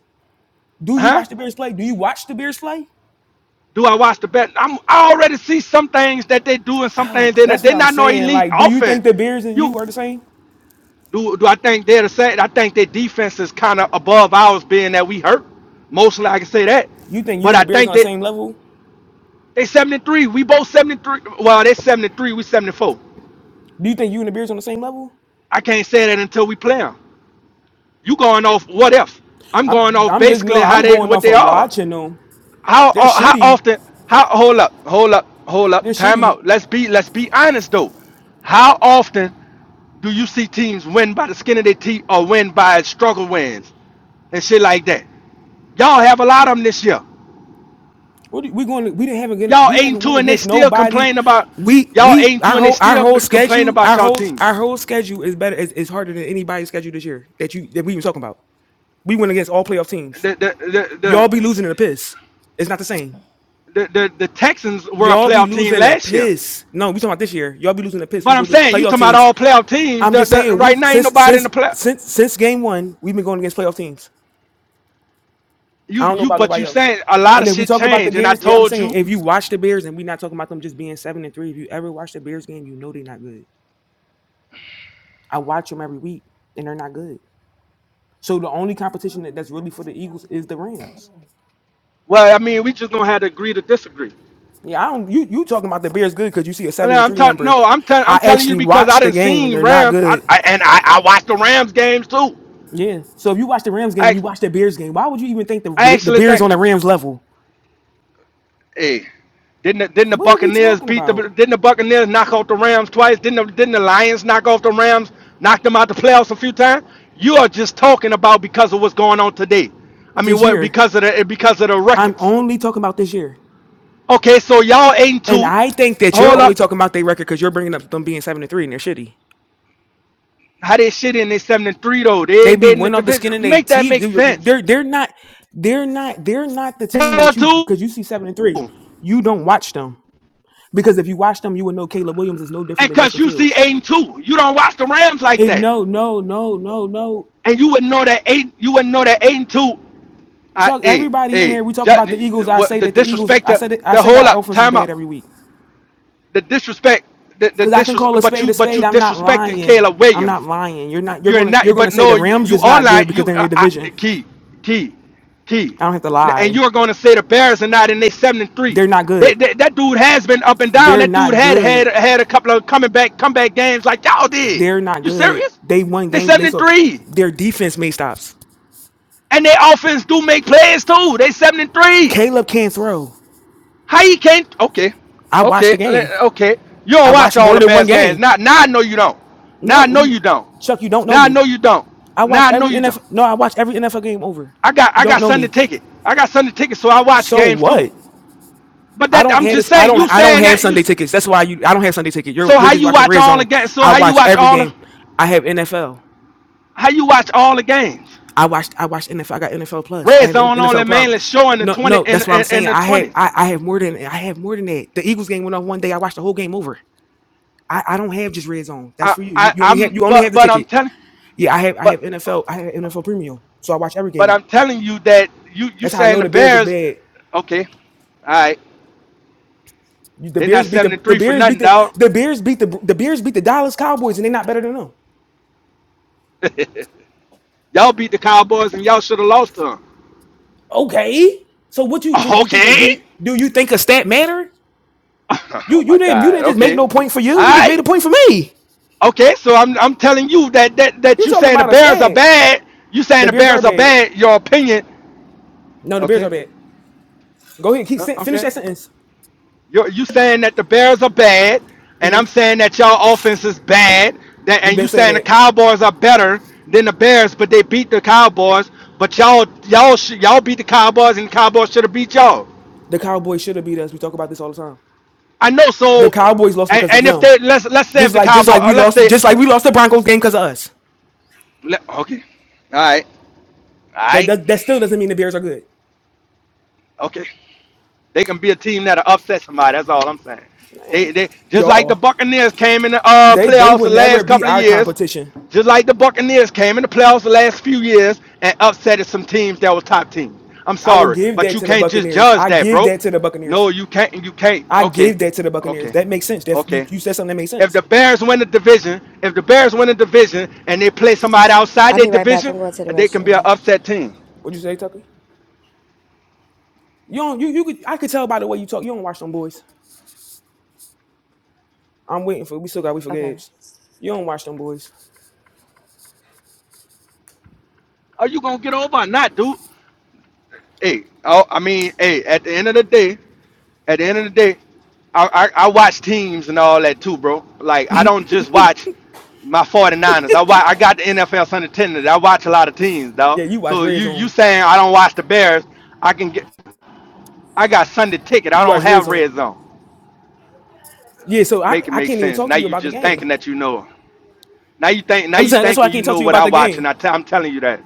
S1: Do you
S7: huh?
S1: watch the Bears play? Do you watch the Bears play?
S7: Do I watch the bet? I'm I already see some things that they do and some
S1: Ah,
S7: things they
S1: that's
S7: they
S1: what I'm
S7: not no
S1: saying.
S7: elite
S1: Like, do you
S7: offense.
S1: think the Bears and
S7: You
S1: you are the same?
S7: do do I think they're the same? I think their defense is kind of above ours, being that we hurt mostly. I can say that,
S1: You think you
S7: but
S1: and
S7: I
S1: the Bears on
S7: think
S1: the
S7: that.
S1: same level?
S7: They 73. We both 73. Well, they 73. We 74.
S1: Do you think you and the Bears on the same level?
S7: I can't say that until we play them. You going off what if? I'm going
S1: I'm
S7: off
S1: I'm just
S7: basically
S1: no.
S7: how
S1: I'm
S7: they
S1: going
S7: what
S1: off
S7: they
S1: of
S7: are.
S1: watching them.
S7: How
S1: They're
S7: uh, how
S1: shitty.
S7: often? How hold up, hold up, hold
S1: They're
S7: up. Time
S1: shitty.
S7: out. Let's be let's be honest though. How often do you see teams win by the skin of their teeth or win by struggle wins and shit like that? Y'all have a lot of them this year.
S1: What do- we going? to We didn't have again.
S7: Y'all
S1: We
S7: eight and
S1: haven't
S7: two
S1: went
S7: and they
S1: against
S7: still
S1: nobody.
S7: complain about
S1: We
S7: y'all eight
S1: we
S7: and
S1: our
S7: two and they
S1: whole our
S7: still
S1: whole
S7: complain
S1: schedule
S7: about
S1: our
S7: y'all
S1: whole
S7: team.
S1: our whole schedule is better is, is harder than anybody's schedule this year that you that we even talking about. We went against all playoff teams.
S7: the the the the
S1: Y'all be losing in the piss. It's not the same.
S7: the, the, the Texans were a
S1: Y'all be
S7: playoff team
S1: losing a
S7: last year.
S1: piss. No, we talking about this year. Y'all be losing a piss. We
S7: But
S1: go
S7: I'm
S1: against
S7: saying you
S1: playoff
S7: talking about
S1: teams.
S7: all playoff teams.
S1: I'm
S7: The,
S1: just
S7: the,
S1: saying
S7: right
S1: we
S7: now ain't
S1: since
S7: nobody in the
S1: since
S7: play.
S1: since since game one we've been going against playoff teams. I
S7: You
S1: don't know
S7: you
S1: about
S7: but
S1: nobody
S7: you
S1: else.
S7: saying a lot
S1: And
S7: of
S1: if we
S7: shit
S1: talk about the
S7: changed, and I
S1: Bears, eh, I'm
S7: told
S1: saying
S7: you.
S1: if you watch the Bears, and we're not talking about them just being seven and three. If you ever watch the Bears game, you know they're not good. I watch them every week, and they're not good. So the only competition that, that's really for the Eagles is the Rams.
S7: Well, I mean, we just gonna have to agree to disagree.
S1: Yeah, I don't. You you talking about the Bears good because you see a
S7: And
S1: seven and
S7: I'm
S1: three
S7: talking.
S1: number.
S7: No, I'm telling
S1: I
S7: I'm telling you
S1: actually
S7: because I
S1: watched the
S7: didn't
S1: game, and
S7: seen
S1: they're not
S7: Rams. I,
S1: good.
S7: I and I, I watched the Rams games too.
S1: Yeah. So if you watch the Rams game and
S7: I
S1: you watch the Bears game, why would you even think the
S7: I
S1: the, the
S7: actually
S1: Bears
S7: think.
S1: on the Rams level?
S7: Hey, didn't the, didn't the
S1: What are we
S7: Buccaneers
S1: talking
S7: beat the
S1: about
S7: didn't the Buccaneers knock off the Rams twice? Didn't the, didn't the Lions knock off the Rams? Knock them out the playoffs a few times. You are just talking about because of what's going on today. I mean,
S1: this
S7: what
S1: year?
S7: because of the because of the
S1: I'm
S7: records.
S1: only talking about this year.
S7: Okay, so y'all eight and
S1: And
S7: two.
S1: I think that you're
S7: Hold
S1: only
S7: up,
S1: talking about their record because you're bringing up them being seven and three and they're shitty.
S7: how they shit in they seven and three though? They
S1: They
S7: ain't- they
S1: be
S7: in the
S1: went off the skin and
S7: division.
S1: they
S7: Make that
S1: teeth.
S7: make
S1: You- you-
S7: sense.
S1: They're they're not they're not they're not the team
S7: Hell
S1: that you
S7: two,
S1: because you see seven and three.
S7: and
S1: You don't watch them because if you watch them, you would know Caleb Williams is no different than
S7: cause
S1: Justin
S7: you see
S1: Fields.
S7: eight and two, you don't watch the Rams like
S1: If
S7: that,
S1: no no no no no
S7: and you wouldn't know that eight. You wouldn't know that eight and two I,
S1: Chuck,
S7: hey,
S1: everybody in
S7: hey,
S1: here, we talk about the Eagles. I
S7: what
S1: say
S7: the
S1: that the Eagles.
S7: disrespect?
S1: I
S7: The,
S1: said I
S7: the
S1: say that
S7: whole
S1: our
S7: up,
S1: offense is
S7: time
S1: bad
S7: out.
S1: every week
S7: The disrespect, the, the
S1: because I can call
S7: disrespect.
S1: a
S7: But
S1: spade
S7: you,
S1: a
S7: but
S1: spade.
S7: you
S1: I'm not
S7: disrespecting
S1: lying.
S7: Kayla
S1: I'm not
S7: Williams.
S1: lying. You're not. You're
S7: You're
S1: gonna.
S7: not.
S1: You're gonna
S7: But
S1: say
S7: no,
S1: the
S7: you,
S1: Rams
S7: you
S1: is
S7: are
S1: not
S7: lying.
S1: good because
S7: You,
S1: they're in
S7: I,
S1: your
S7: I,
S1: division.
S7: key, key, key.
S1: I don't have to
S7: And
S1: lie.
S7: you're going to say the Bears are not in their seven and three.
S1: They're not
S7: They,
S1: good.
S7: they, that dude has been up and down.
S1: They're
S7: That dude
S1: not
S7: had had
S1: good.
S7: had a couple of coming back comeback games like y'all did.
S1: They're not
S7: You
S1: good.
S7: serious?
S1: They won
S7: They
S1: games
S7: seven
S1: based
S7: and
S1: off
S7: three,
S1: their defense made stops.
S7: and their offense do make plays too. They seven and three.
S1: Caleb can't throw.
S7: How you can't? Okay,
S1: I watched the
S7: okay,
S1: game.
S7: okay. You don't
S1: I
S7: watch
S1: watched
S7: all
S1: more
S7: the
S1: than one
S7: best games.
S1: game.
S7: Now, now I know you don't. Now
S1: No,
S7: I know
S1: n-
S7: you don't.
S1: Chuck, you don't know
S7: Now I know
S1: me.
S7: you don't.
S1: I
S7: Now
S1: watch
S7: I know
S1: every
S7: you don't.
S1: NFL. No, I watch every NFL game over.
S7: I got
S1: You
S7: I
S1: don't
S7: got
S1: know
S7: Sunday
S1: me.
S7: ticket. I got Sunday ticket, so I watch
S1: So
S7: games too.
S1: what?
S7: But
S1: I
S7: that
S1: don't
S7: I'm
S1: have
S7: just
S1: this. I
S7: saying,
S1: don't.
S7: you
S1: I don't
S7: saying
S1: have
S7: that you.
S1: Sunday tickets. That's why you. I don't have Sunday ticket. You're
S7: So
S1: you're
S7: how
S1: just
S7: you
S1: watching
S7: watch
S1: Red
S7: all the
S1: Zone.
S7: games? So
S1: I
S7: how you
S1: watch
S7: watch
S1: every
S7: all the
S1: game. I have NFL.
S7: how you watch all the games?
S1: I watched I watched NFL. I got NFL Plus. I
S7: Red
S1: have
S7: zone only
S1: NFL Prime.
S7: mainly showing the
S1: No,
S7: twenty
S1: no,
S7: and
S1: that's
S7: in
S1: what I'm
S7: in, in
S1: saying.
S7: the
S1: I had
S7: twenties.
S1: I, I have more than I have more than that. The Eagles game went on one day. I watched the whole game over. I, I don't have just red zone. That's
S7: I,
S1: for you.
S7: I
S1: you. You only
S7: I'm
S1: have you only
S7: but
S1: have the
S7: but I'm
S1: ticket.
S7: telling
S1: Yeah, I have I
S7: but
S1: have NFL. I have NFL Premium, so I watch every
S7: But
S1: game.
S7: I'm telling you that you you
S1: That's how I
S7: saying
S1: know
S7: the
S1: the Bears is
S7: Bears,
S1: bad.
S7: okay, all right,
S1: You- The
S7: they're not
S1: Bears beat
S7: seven
S1: the
S7: and
S1: the
S7: three for
S1: Bears beat
S7: nothing,
S1: the
S7: dog.
S1: the Bears beat the the Bears beat the Dallas Cowboys, and they're not better than them.
S7: y'all beat the Cowboys and y'all should have lost to them.
S1: Okay, so what you do? You think a, do
S7: Okay.
S1: you do you think a stat matter? You
S7: oh
S1: you
S7: my
S1: didn't you
S7: God.
S1: didn't just make
S7: Okay.
S1: no point for you.
S7: All
S1: You just made
S7: right.
S1: a point for me.
S7: Okay. So I'm I'm telling you that that that
S1: You
S7: you
S1: talking
S7: saying the
S1: about a
S7: Bears are
S1: stag?
S7: bad. You saying
S1: The
S7: the
S1: beers are
S7: Bears are
S1: bad.
S7: bad. Your opinion.
S1: No, the beers
S7: Okay.
S1: are bad. Go ahead, keep
S7: Uh,
S1: sen- finish
S7: okay.
S1: that sentence.
S7: You're you saying that the Bears are bad, and
S1: hmm
S7: I'm saying that y'all offense is bad. That
S1: We've
S7: and
S1: been
S7: you
S1: saying
S7: saying the
S1: that
S7: Cowboys are better than the Bears, but they beat the Cowboys. But y'all y'all sh- y'all beat the Cowboys, and the Cowboys should have beat y'all.
S1: the Cowboys should have beat us. We talk about this all the time.
S7: I know.
S1: The
S7: So,
S1: Cowboys lost
S7: and,
S1: because of
S7: and if
S1: them.
S7: they let's let's say if
S1: Just
S7: the
S1: like just
S7: Cowboys,
S1: like we
S7: let's
S1: lost,
S7: say,
S1: just like we lost the Broncos game because of us.
S7: let, okay, all right, all
S1: That,
S7: right,
S1: that that still doesn't mean the Bears are good.
S7: okay. They can be a team that'll upset somebody. That's all I'm saying. They
S1: Man,
S7: they just like the
S1: Y'all,
S7: Buccaneers came in the uh,
S1: they they
S7: playoffs the
S1: would never
S7: last
S1: be
S7: couple of
S1: our
S7: years.
S1: competition.
S7: Just like the Buccaneers came in the playoffs the last few years and upset some teams that were top teams. I'm
S1: I would
S7: sorry,
S1: give
S7: but
S1: that
S7: you
S1: to the
S7: can't just
S1: Buccaneers.
S7: judge
S1: I
S7: that,
S1: give
S7: bro.
S1: that to the
S7: No,
S1: Buccaneers.
S7: you can't. You can't.
S1: I
S7: Okay,
S1: give that to the Buccaneers.
S7: okay,
S1: That makes sense. That you
S7: okay.
S1: you said something that makes
S7: If
S1: sense.
S7: the Bears win the division, if the Bears win the division and they play somebody outside
S5: I'll
S7: their
S5: be right back.
S7: division,
S5: I'm going to the
S7: they can be an
S5: restroom.
S7: upset team.
S1: What'd you say, Tucker? You don't you you could I could tell by the way you talk. You don't watch them boys. I'm waiting for. We still got. We for
S5: Okay.
S1: Gabs. You don't watch them boys.
S7: Are you gonna get over or not, dude? Hey, oh, I mean, hey, at the end of the day, at the end of the day, I, I, I watch teams and all that too, bro. Like, I don't just watch my 49ers. I watch, I got the NFL Sunday Tennis. I watch a lot of teams, dog.
S1: Yeah, you watch
S7: So
S1: Red
S7: you you
S1: Zone.
S7: saying I don't watch the Bears? I can get, I got Sunday ticket. I
S1: You
S7: don't
S1: watch Red
S7: have
S1: Zone.
S7: red zone.
S1: Yeah. So I,
S7: Make it
S1: I
S7: make
S1: can't even
S7: sense.
S1: talk
S7: Now
S1: to you
S7: you
S1: about the
S7: just
S1: game.
S7: thinking that you know. Now you think, now
S1: I'm
S7: you
S1: saying that's why
S7: thinking
S1: I
S7: you
S1: can't talk
S7: know
S1: to you
S7: what I
S1: about the
S7: watch, and
S1: game.
S7: I t- I'm telling you that.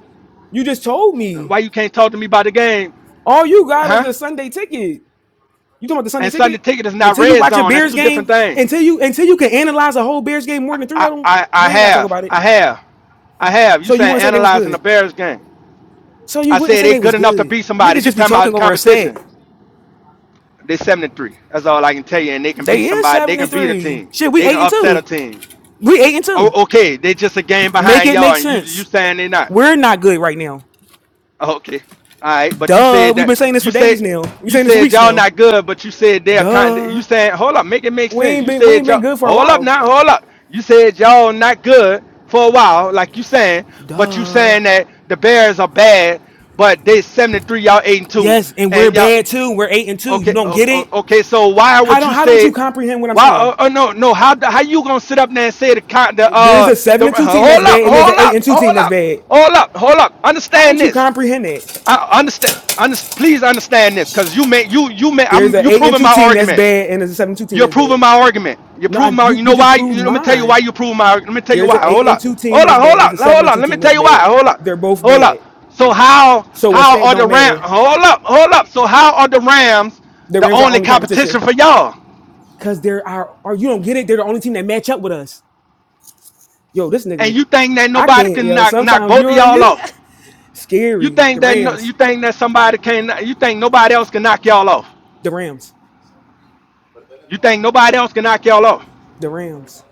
S1: You just told me
S7: Why you can't talk to me about the game,
S1: all you got is
S7: huh?
S1: the Sunday ticket. You talking about the Sunday
S7: And Sunday
S1: ticket?
S7: ticket is not
S1: Until you
S7: red
S1: watch a
S7: zone. That's
S1: Bears
S7: two
S1: game,
S7: different things.
S1: until you until you can analyze a whole Bears game more than three
S7: I,
S1: of them,
S7: I, I
S1: we ain't gotta talk
S7: have.
S1: about it.
S7: I have. I have. You
S1: So you
S7: saying
S1: wouldn't say they was
S7: analyzing the
S1: good.
S7: Bears game.
S1: So you
S7: I
S1: wouldn't
S7: said
S1: say
S7: they
S1: they
S7: good
S1: was
S7: enough to
S1: good.
S7: beat somebody.
S1: Niggas
S7: You
S1: just be
S7: talking about
S1: talking over a stat.
S7: competition. They seven and three. That's all I can tell you. And they can beat
S1: They is
S7: somebody. They
S1: seven and
S7: can beat a
S1: three.
S7: team.
S1: Shit, we
S7: They can
S1: eight and
S7: upset a
S1: two.
S7: team.
S1: We eight and two.
S7: Oh, okay. They just a game
S1: Make
S7: behind
S1: it
S7: y'all
S1: make
S7: and you
S1: sense.
S7: you saying they not.
S1: We're not good right now.
S7: Okay. All right. But you
S1: Duh.
S7: said
S1: We've
S7: that
S1: been saying this for
S7: you
S1: days
S7: said
S1: now. We've been
S7: you
S1: saying this for
S7: said
S1: weeks
S7: y'all
S1: now.
S7: not good, but you said they're kind. You
S1: Duh.
S7: said hold up, make it make
S1: We
S7: sense.
S1: ain't
S7: You
S1: been we
S7: said
S1: ain't been
S7: y'all
S1: good for a
S7: hold up
S1: while.
S7: now, hold up. You said y'all not good for a while, like you saying, but you
S1: Duh.
S7: saying that the Bears are bad, but they seventy three, y'all eight and two,
S1: Yes, and we're
S7: and y'all
S1: bad too. We're eight and two. You
S7: okay.
S1: don't
S7: o-
S1: get it?
S7: o- Okay. So why
S1: How
S7: would you
S1: don't how don't you
S7: say?
S1: comprehend what I'm
S7: Why?
S1: saying?
S7: Oh, oh no, no. How the- how you gonna sit up there and say the kind the
S1: There's
S7: uh
S1: a seven
S7: the
S1: and two team that's
S7: hold up,
S1: bad, and there's an
S7: hold
S1: eight and
S7: up,
S1: two
S7: hold
S1: team that's
S7: up,
S1: bad.
S7: hold up, hold up.
S1: How
S7: Understand
S1: don't you
S7: this.
S1: comprehend that?
S7: I understand. Underst- please understand this, because you make you you make
S1: There's
S7: I'm
S1: an
S7: you
S1: eight and
S7: proving
S1: two
S7: my
S1: team that's
S7: argument.
S1: bad, and there's a seven and two team
S7: You're
S1: that's bad.
S7: proving my argument. You're
S1: No,
S7: proving
S1: I,
S7: my.
S1: you
S7: You
S1: you
S7: know
S1: just
S7: why? You
S1: proved
S7: know, let me tell you
S1: mine.
S7: why you're proving my. Let me tell you
S1: There's
S7: why.
S1: an eight
S7: Hold
S1: and
S7: up.
S1: two team
S7: Hold
S1: that's
S7: up.
S1: bad,
S7: Hold
S1: and there's
S7: up.
S1: a seven
S7: Hold
S1: and
S7: up.
S1: two
S7: Let me
S1: team
S7: tell
S1: that's
S7: you why.
S1: bad.
S7: Hold up.
S1: They're both
S7: Hold
S1: bad.
S7: up. So how
S1: So a
S7: how
S1: stat
S7: are
S1: don't
S7: the Rams?
S1: matter.
S7: Hold up. Hold up. So how are the Rams
S1: The
S7: the
S1: Rams are our
S7: only
S1: only competition.
S7: competition for y'all?
S1: Cause there are, or you don't get it. They're the only team that match up with us. Yo, this
S7: And
S1: nigga,
S7: you think that
S1: I
S7: nobody
S1: can't.
S7: can
S1: Yo,
S7: knock knock
S1: sometimes
S7: both
S1: you
S7: of
S1: don't-
S7: y'all
S1: you
S7: off? You
S1: scary.
S7: think
S1: The
S7: that no, you
S1: Rams,
S7: think that somebody can? You think nobody else can knock y'all off?
S1: the Rams,
S7: You think nobody else can knock y'all off?
S1: the Rams,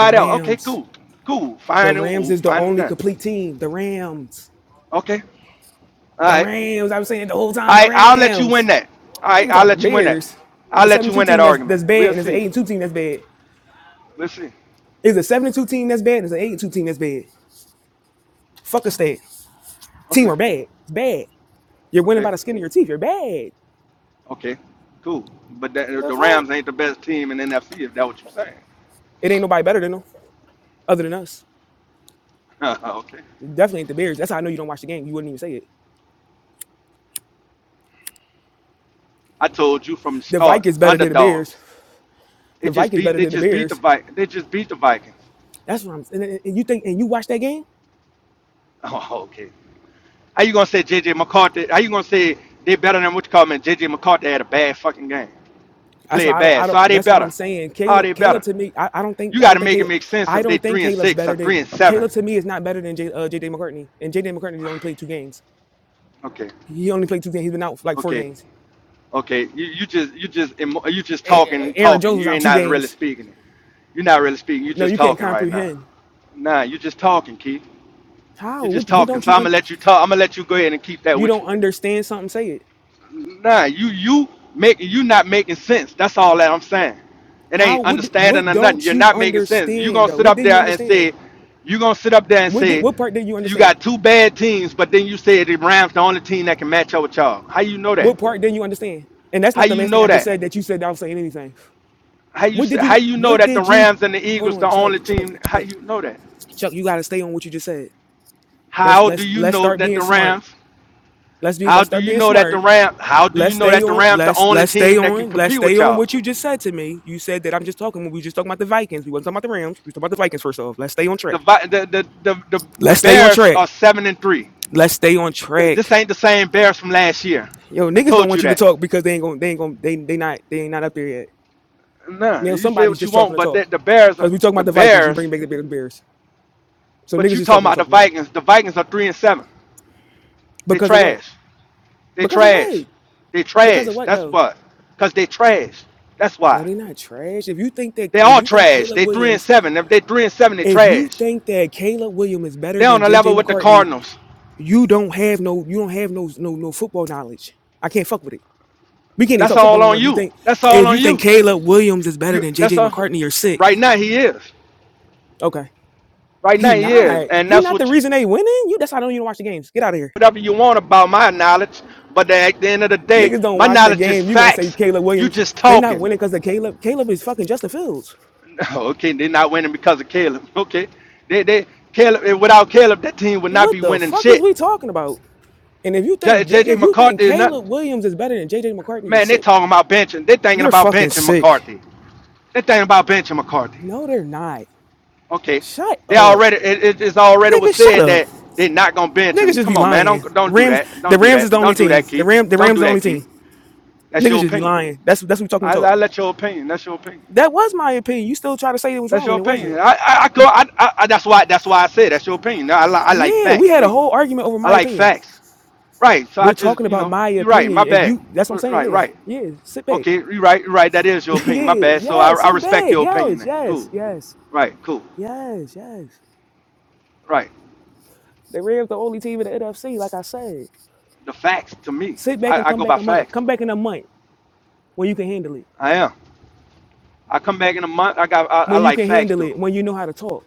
S1: the
S7: else. Okay,
S1: Rams,
S7: cool. Cool.
S1: the
S7: Find them.
S1: Rams
S7: We'll
S1: is the
S7: find
S1: only
S7: them.
S1: complete team. The Rams,
S7: Okay. All
S1: the
S7: right.
S1: Rams. I was saying it the whole
S7: All
S1: time. The
S7: right. I'll let you win
S1: Rams.
S7: that. All right.
S1: Niggas talking
S7: I'll
S1: about the
S7: let you win that.
S1: Bears. It's
S7: I'll
S1: a
S7: let you
S1: seven two
S7: win that
S1: team that's
S7: argument.
S1: that's bad,
S7: We'll
S1: and it's an
S7: see.
S1: eight two team that's bad.
S7: We'll see.
S1: It's a seven two team that's bad, and it's an eight two team that's bad. Fuck a stat. Team
S7: Okay.
S1: are bad. It's bad. You're winning
S7: Okay.
S1: by the skin of your teeth. You're bad.
S7: Okay. Cool. But the,
S1: The
S7: the
S1: fuck.
S7: Rams ain't the best team in NFC if that's what you're saying.
S1: It ain't nobody better than them, other than us.
S7: okay.
S1: Definitely ain't the Bears. That's how I know you don't watch the game. You wouldn't even say it.
S7: I told you from the
S1: The
S7: start,
S1: Vikings better than the Bears.
S7: underdogs. They
S1: The
S7: just
S1: Vikings
S7: beat.
S1: better
S7: They
S1: than the
S7: just beat the
S1: Bears.
S7: Vi- They just beat the Vikings.
S1: That's what I'm. And, and- and you think and you watch that game?
S7: Oh, okay. How you gonna say JJ McCarthy? How you gonna say they better than what you call them? JJ McCarthy had a bad fucking game.
S1: That's
S7: play it
S1: why I don't.
S7: bad.
S1: I
S7: So are
S1: don't.
S7: they
S1: That's why I'm
S7: better?
S1: saying
S7: Are they
S1: Caleb. Caleb
S7: better?
S1: to me, I, I don't
S7: You
S1: think. I
S7: got
S1: don't
S7: to
S1: think.
S7: make it
S1: Caleb,
S7: make sense
S1: I
S7: if they
S1: don't think
S7: three and
S1: Caleb's
S7: six or
S1: better
S7: three
S1: than
S7: and seven.
S1: Caleb. To me, is not better than J, uh, J.J. McCartney. And J. J. McCartney only played two games.
S7: Okay,
S1: He only played two games. He's been out like four
S7: okay,
S1: games.
S7: okay. You, you just you just emo- you just talking
S1: Aaron
S7: talking.
S1: Jones was
S7: You
S1: out
S7: ain't
S1: two
S7: not really
S1: games.
S7: speaking. You're not really speaking. You
S1: No,
S7: just
S1: you can't
S7: talking right now.
S1: comprehend.
S7: Nah, you just talking, Keith. You
S1: How?
S7: just
S1: What, what
S7: talking.
S1: don't
S7: So
S1: you?
S7: I'm
S1: Un,
S7: gonna let you talk. I'm gonna let you go ahead and keep that
S1: you
S7: with
S1: don't
S7: you.
S1: understand something? Say it.
S7: Nah, you you make you not making sense. That's all that I'm saying. It
S1: How
S7: ain't
S1: what di-
S7: understanding
S1: what
S7: or nothing.
S1: don't
S7: You're
S1: you
S7: not making sense. You
S1: understand
S7: gonna
S1: though?
S7: sit
S1: What
S7: up
S1: didn't you
S7: there and
S1: understand?
S7: say, you gonna sit up there and
S1: What did
S7: say,
S1: what part didn't you
S7: you
S1: understand?
S7: got two bad teams, but then you say the Rams the only team that can match up with y'all. How you know that?
S1: What part didn't you understand? And that's
S7: How
S1: not the
S7: you
S1: last thing
S7: know
S1: I just
S7: that?
S1: said that you said that I was saying anything.
S7: How you
S1: What
S7: say,
S1: did
S7: how
S1: you
S7: you know
S1: what
S7: that the
S1: did you
S7: Rams and the
S1: hold
S7: Eagles
S1: on,
S7: the
S1: Chuck,
S7: only
S1: Chuck,
S7: team? How you know that?
S1: Chuck, you gotta stay on what you just said. Let's
S7: How do
S1: let's
S7: you
S1: let's
S7: know
S1: start
S7: that the
S1: being smart.
S7: Rams?
S1: Let's be
S7: How
S1: let's
S7: do
S1: start
S7: you
S1: being
S7: know that the
S1: smart.
S7: Rams? How do you
S1: Let's
S7: know
S1: stay
S7: that the
S1: on,
S7: Rams the
S1: let's
S7: only
S1: let's stay
S7: team that can
S1: on, let's
S7: compete
S1: stay
S7: with
S1: on
S7: y'all?
S1: what you just said to me. You said that I'm just talking when we were just talking about the Vikings. We wasn't talking about the Rams. We was talking about the Vikings first off. Let's stay on
S7: the
S1: track.
S7: Vi- the the the, the, the
S1: Let's stay on
S7: Bears
S1: track.
S7: are seven and three.
S1: Let's stay on
S7: Th- This
S1: track.
S7: ain't the same Bears from last year.
S1: Yo,
S7: I
S1: niggas don't
S7: told you
S1: want you to
S7: that.
S1: talk because they ain't gonna they ain't gonna they they not they ain't not up there yet.
S7: No,
S1: Now
S7: you say
S1: somebody's
S7: what you
S1: just talking
S7: want,
S1: to
S7: but the,
S1: talk.
S7: the Bears are
S1: Cause we talking
S7: the
S1: about the Vikings, you
S7: Bears.
S1: bring back the Bears. So
S7: But
S1: niggas
S7: you
S1: just
S7: talking
S1: talking to
S7: about the
S1: talk now.
S7: Vikings? The Vikings are three and seven. They
S1: Because of what?
S7: trash. They
S1: Because of
S7: trash.
S1: what?
S7: They
S1: Because of
S7: trash.
S1: what
S7: That's
S1: though?
S7: what. Cause they trash. That's
S1: No,
S7: why.
S1: they not trash. If you think that
S7: They
S1: if
S7: all
S1: you think
S7: trash.
S1: Caleb
S7: They three and
S1: Williams,
S7: seven. If they three and seven, they
S1: if you
S7: trash.
S1: think that Caleb Williams is better
S7: They
S1: than
S7: on a
S1: JJ
S7: level with the
S1: McCartney,
S7: Cardinals.
S1: you don't have no you don't have no no no football knowledge. I can't fuck with it. We can't even
S7: That's
S1: talk football
S7: all
S1: no more.
S7: on
S1: If you
S7: you.
S1: think
S7: That's all
S1: if you
S7: on
S1: think
S7: you.
S1: Caleb Williams is better
S7: You.
S1: than
S7: That's
S1: JJ
S7: all.
S1: McCartney, you're sick.
S7: Right now he is.
S1: Okay.
S7: Right
S1: He
S7: now he is,
S1: not.
S7: and
S1: He
S7: that's
S1: not the
S7: what you,
S1: reason they winning. You that's why I don't even watch the games. Get out of here.
S7: whatever you want about my knowledge. But at the end of the day,
S1: Niggas don't
S7: my
S1: watch the
S7: knowledge is
S1: game. You gonna say
S7: facts.
S1: Caleb
S7: You
S1: Williams?
S7: just
S1: They not
S7: talking.
S1: winning because of Caleb. Caleb is fucking Justin Fields.
S7: okay, they're not winning because of Caleb. Okay, they they Caleb eh, without Caleb, that team would not
S1: What
S7: be
S1: the
S7: winning
S1: fuck is
S7: shit.
S1: we talking about? And if you
S7: J-
S1: think J-
S7: JJ
S1: if you think
S7: McCarthy is not.
S1: Caleb Williams is better than J J McCartney, you're
S7: Man, they
S1: sick.
S7: talking about benching. They thinking
S1: You're
S7: about
S1: fucking
S7: benching
S1: sick.
S7: McCarthy. They thinking about benching McCarthy.
S1: No, they're not.
S7: Okay,
S1: Shut
S7: they
S1: up,
S7: already it, it- it's already was
S1: nigga. Shut
S7: said
S1: up.
S7: that they're not gonna bench
S1: Niggas
S7: him.
S1: just
S7: Come
S1: be
S7: on, man,
S1: lying.
S7: don't don't do
S1: Rams.
S7: that. Don't
S1: The
S7: do
S1: Rams is
S7: that.
S1: the only
S7: Don't do
S1: team.
S7: that,
S1: The
S7: Keith.
S1: Ram. The
S7: Don't
S1: Rams
S7: do
S1: the
S7: that,
S1: only
S7: Keith.
S1: team.
S7: That's
S1: Niggas
S7: your
S1: just be
S7: opinion.
S1: lying. That's that's what we talking
S7: I,
S1: about.
S7: I let your opinion. That's your opinion.
S1: That was my opinion. You still try to say it was
S7: That's
S1: wrong
S7: your
S1: and it
S7: opinion.
S1: wasn't.
S7: I, I, I go. I, I, I- that's why. That's why I say that's your opinion. I, li- I like
S1: Yeah, we
S7: facts.
S1: had a
S7: Me.
S1: whole argument over
S7: I
S1: my
S7: like
S1: opinion.
S7: facts. Right. So I
S1: We're
S7: just,
S1: talking
S7: you
S1: about
S7: know,
S1: my
S7: you're right.
S1: opinion.
S7: My
S1: If
S7: bad.
S1: you, that's what I'm
S7: R-
S1: saying.
S7: Right.
S1: Yeah,
S7: Right.
S1: yeah. Sit back.
S7: Okay. You're right. You're right. That is your opinion. My
S1: yeah,
S7: bad. So I,
S1: yes.
S7: I
S1: Sit
S7: respect
S1: back.
S7: your opinion.
S1: Yes,
S7: Then.
S1: yes,
S7: Cool.
S1: yes,
S7: Right. Cool.
S1: yes, yes.
S7: Right.
S1: The Reds, the only team in the NFC. Like I said,
S7: The facts to me.
S1: sit back
S7: I,
S1: and
S7: I
S1: come
S7: go by
S1: back a month.
S7: facts
S1: Come
S7: though.
S1: back in a month when you can handle it.
S7: I am. I come back in a month. I got. I, I
S1: When you
S7: like
S1: can
S7: facts
S1: handle
S7: though.
S1: it. When you know how to talk.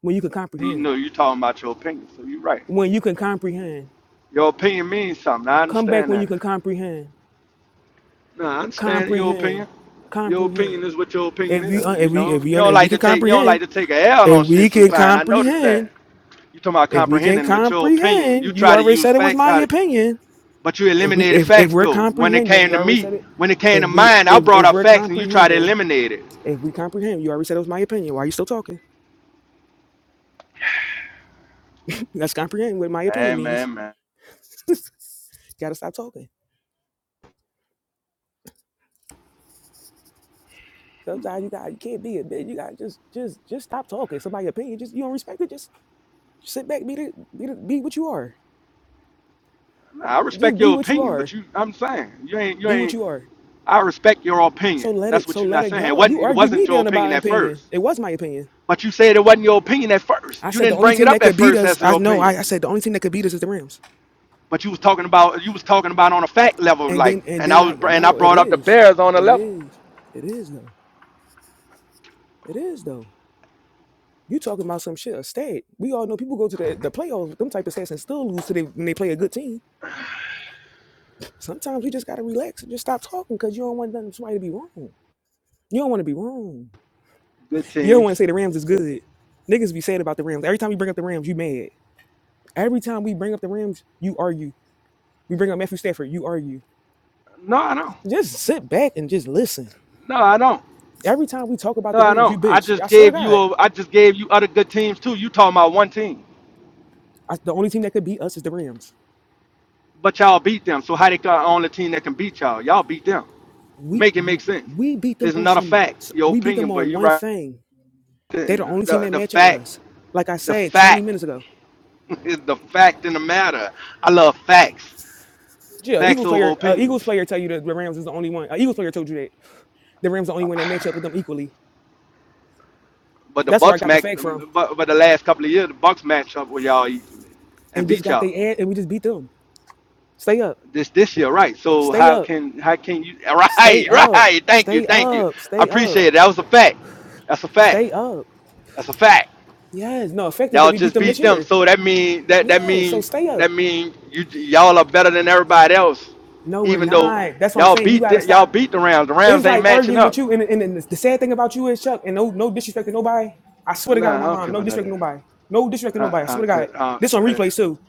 S1: When you can
S7: You
S1: comprehend.
S7: know, you talking about your opinion. So you're right.
S1: When you can comprehend.
S7: Your opinion means something. I
S1: Come back
S7: understand
S1: when
S7: that.
S1: you can comprehend.
S7: No, I understand your opinion.
S1: Comprehend.
S7: Your
S1: Comprehend.
S7: opinion is what your opinion
S1: If we, uh,
S7: is. You
S1: if we,
S7: know,
S1: if
S7: you
S1: we,
S7: don't
S1: if we
S7: like
S1: can
S7: to take you don't like
S1: comprehend.
S7: to take a L
S1: If
S7: on
S1: we
S7: shit
S1: can
S7: sometimes. I noticed
S1: comprehend
S7: that. You talking about
S1: If we can
S7: comprehending, but your opinion. You
S1: comprehend, you
S7: try to
S1: already
S7: use
S1: said it was
S7: facts
S1: my
S7: out of
S1: opinion.
S7: but you
S1: If we
S7: eliminated
S1: if, if
S7: facts
S1: we're
S7: though. When it
S1: comprehending,
S7: came
S1: we
S7: to
S1: already
S7: me,
S1: said it.
S7: when it came
S1: If
S7: to
S1: we
S7: mine, I
S1: if,
S7: brought
S1: if
S7: up
S1: we're
S7: facts and you tried to
S1: comprehending,
S7: eliminate it.
S1: if we comprehend, you already said it was my opinion. Why are you still talking? Let's comprehend what my opinion
S7: Man,
S1: means.
S7: man, man.
S1: gotta stop talking. Sometimes you got you can't be a bitch. You gotta just just just stop talking. Somebody opinion, just you don't respect it. Just sit back, be the, be the, be what you are.
S7: Nah, I respect
S1: Just be
S7: your
S1: what you
S7: opinion, but
S1: are.
S7: you I'm saying you ain't you
S1: Be what
S7: ain't
S1: you are.
S7: I respect your
S1: So
S7: opinion.
S1: let
S7: That's
S1: it
S7: what
S1: so
S7: you're
S1: let
S7: not
S1: it
S7: saying. It
S1: go.
S7: wasn't
S1: You
S7: it
S1: argued me
S7: wasn't your
S1: down about
S7: opinion
S1: an
S7: at
S1: opinion.
S7: first.
S1: It was my opinion.
S7: But you said it wasn't your opinion at first.
S1: I
S7: You
S1: said the
S7: didn't
S1: only
S7: bring it
S1: team
S7: up
S1: that
S7: at
S1: could beat
S7: first
S1: us,
S7: as
S1: I
S7: your
S1: know.
S7: opinion.
S1: I, I said the only team that could beat us is the Rams.
S7: But you was talking about you was talking about on a fact level,
S1: And
S7: like,
S1: then and
S7: and I
S1: then
S7: was
S1: I
S7: and I
S1: no, it
S7: brought up the
S1: is,
S7: Bears on a
S1: it
S7: level.
S1: is, it is though, it is though. You talking about some shit a stat? We all know people go to the, the playoffs with them type of stats and still lose to they, when they play a good team. Sometimes we just gotta relax and just stop talking because you don't want nothing- somebody to be wrong. You don't want to be wrong.
S7: Good
S1: You don't want to
S7: teams.
S1: say the Rams is good. Niggas be saying about the Rams. Every time we bring up the Rams, you mad. Every time we bring up the Rams, you argue. We bring up Matthew Stafford, you argue.
S7: No, I don't.
S1: Just sit back and just listen.
S7: No, I don't.
S1: Every time we talk about
S7: No,
S1: the
S7: I
S1: Rams, you
S7: don't. I
S1: bitch. I
S7: just
S1: swear to
S7: gave you
S1: God,
S7: a, I just gave you other good teams too. You talking about one team,
S1: I, the only team that could beat us is the Rams.
S7: but y'all beat them. So how they got on the team that can beat y'all? Y'all beat them.
S1: We
S7: Make it make sense.
S1: we beat them
S7: It's
S1: on
S7: not a
S1: some.
S7: fact, your
S1: We beat them
S7: opinion, but
S1: on
S7: you
S1: one
S7: right.
S1: thing. They're the
S7: The,
S1: only team
S7: the,
S1: that
S7: the
S1: match up with
S7: fact,
S1: us. Like I
S7: the
S1: said 20
S7: fact
S1: minutes ago.
S7: is the fact in the matter. I love facts.
S1: Yeah,
S7: Facts
S1: Eagles
S7: over
S1: player. Uh,
S7: opinions.
S1: Eagles player tell you that the Rams is the only one. Uh, Eagles player told you that the Rams the only one that match up with them equally.
S7: But the
S1: That's where I
S7: Bucks
S1: got the
S7: match,
S1: fact from.
S7: but, but the last couple of years, the Bucks match up with y'all easily and
S1: And just
S7: beat
S1: got
S7: y'all
S1: they ad, and we just beat them. Stay up.
S7: this this year, right? So
S1: Stay
S7: how
S1: up.
S7: can how can you?
S1: Stay
S7: Right,
S1: up.
S7: right. Thank you,
S1: Stay
S7: thank you.
S1: up.
S7: I
S1: Stay
S7: appreciate
S1: up.
S7: it. That was a fact. That's a fact.
S1: Stay up.
S7: That's a fact.
S1: Yes. No, effect is that
S7: Y'all
S1: we beat
S7: just
S1: them this
S7: beat them,
S1: year.
S7: so that mean that that
S1: Yes. So
S7: mean
S1: stay up.
S7: that mean you y'all are better than everybody else,
S1: No, we're
S7: even though
S1: not. That's what I'm
S7: y'all
S1: saying. You
S7: beat
S1: gotta
S7: the, y'all
S1: stop.
S7: beat the Rams. The Rams
S1: It's
S7: ain't
S1: like
S7: matching
S1: arguing
S7: up.
S1: with you. And, and, and the sad thing about you is Chuck, and no no disrespect to nobody. I swear to God
S7: Nah,
S1: on
S7: I
S1: my
S7: don't care
S1: mom, no
S7: about none of
S1: disrespect to
S7: that.
S1: nobody. No disrespect to nobody. I
S7: I, I
S1: swear to
S7: could,
S1: God.
S7: uh,
S1: This on
S7: uh,
S1: replay too.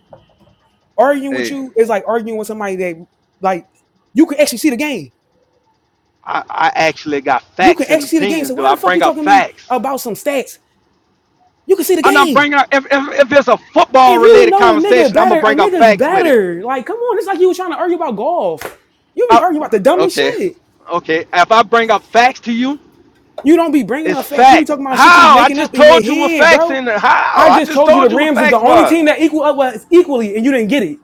S1: Arguing with
S7: hey.
S1: you is like arguing with somebody that like you can actually see the game.
S7: I, I actually got
S1: You can
S7: facts and
S1: actually see the game.
S7: opinions,
S1: So
S7: though.
S1: why
S7: I
S1: the fuck
S7: bring
S1: you
S7: up
S1: talking to me
S7: facts.
S1: about some stats? You can see the
S7: And I'm
S1: game.
S7: bringing up, if, if, if it's a football
S1: If you
S7: related
S1: know a nigga
S7: conversation, I'm going
S1: better,
S7: to
S1: a
S7: bring up
S1: nigga's
S7: facts with it.
S1: better. Like, come on, it's like you was trying to argue about golf. You be
S7: I,
S1: arguing about the dumbest
S7: okay.
S1: shit.
S7: Okay. If I bring up facts to you,
S1: You don't be bringing
S7: it's
S1: up facts. You be
S7: facts.
S1: talking about shit you be
S7: How? I
S1: making
S7: just
S1: up in your
S7: told you what
S1: head,
S7: facts
S1: bro.
S7: in it. How?
S1: I
S7: I
S1: just
S7: just
S1: told you the
S7: told you what
S1: Rams is the
S7: facts
S1: only
S7: were.
S1: team that equal up us equally, and you didn't get it.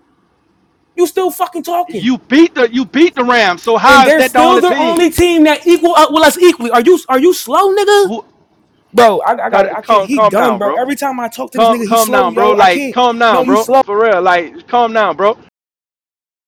S1: You still fucking talking,
S7: You beat the you beat the Rams, so
S1: and
S7: how is
S1: they're
S7: that the
S1: still
S7: only
S1: the only
S7: team?
S1: team that equal up with us equally. Are you are you slow, nigga?
S7: Who
S1: Bro, I, I
S7: cut
S1: got I
S7: it-
S1: can't.
S7: calm
S1: He
S7: calm
S1: dumb,
S7: down,
S1: bro.
S7: bro.
S1: Every time I talk to this
S7: Calm
S1: nigga, he
S7: calm
S1: slow,
S7: down, bro.
S1: yo. I
S7: Like
S1: can't.
S7: calm
S1: No,
S7: down,
S1: you
S7: bro.
S1: slow.
S7: For real. Like calm down, bro.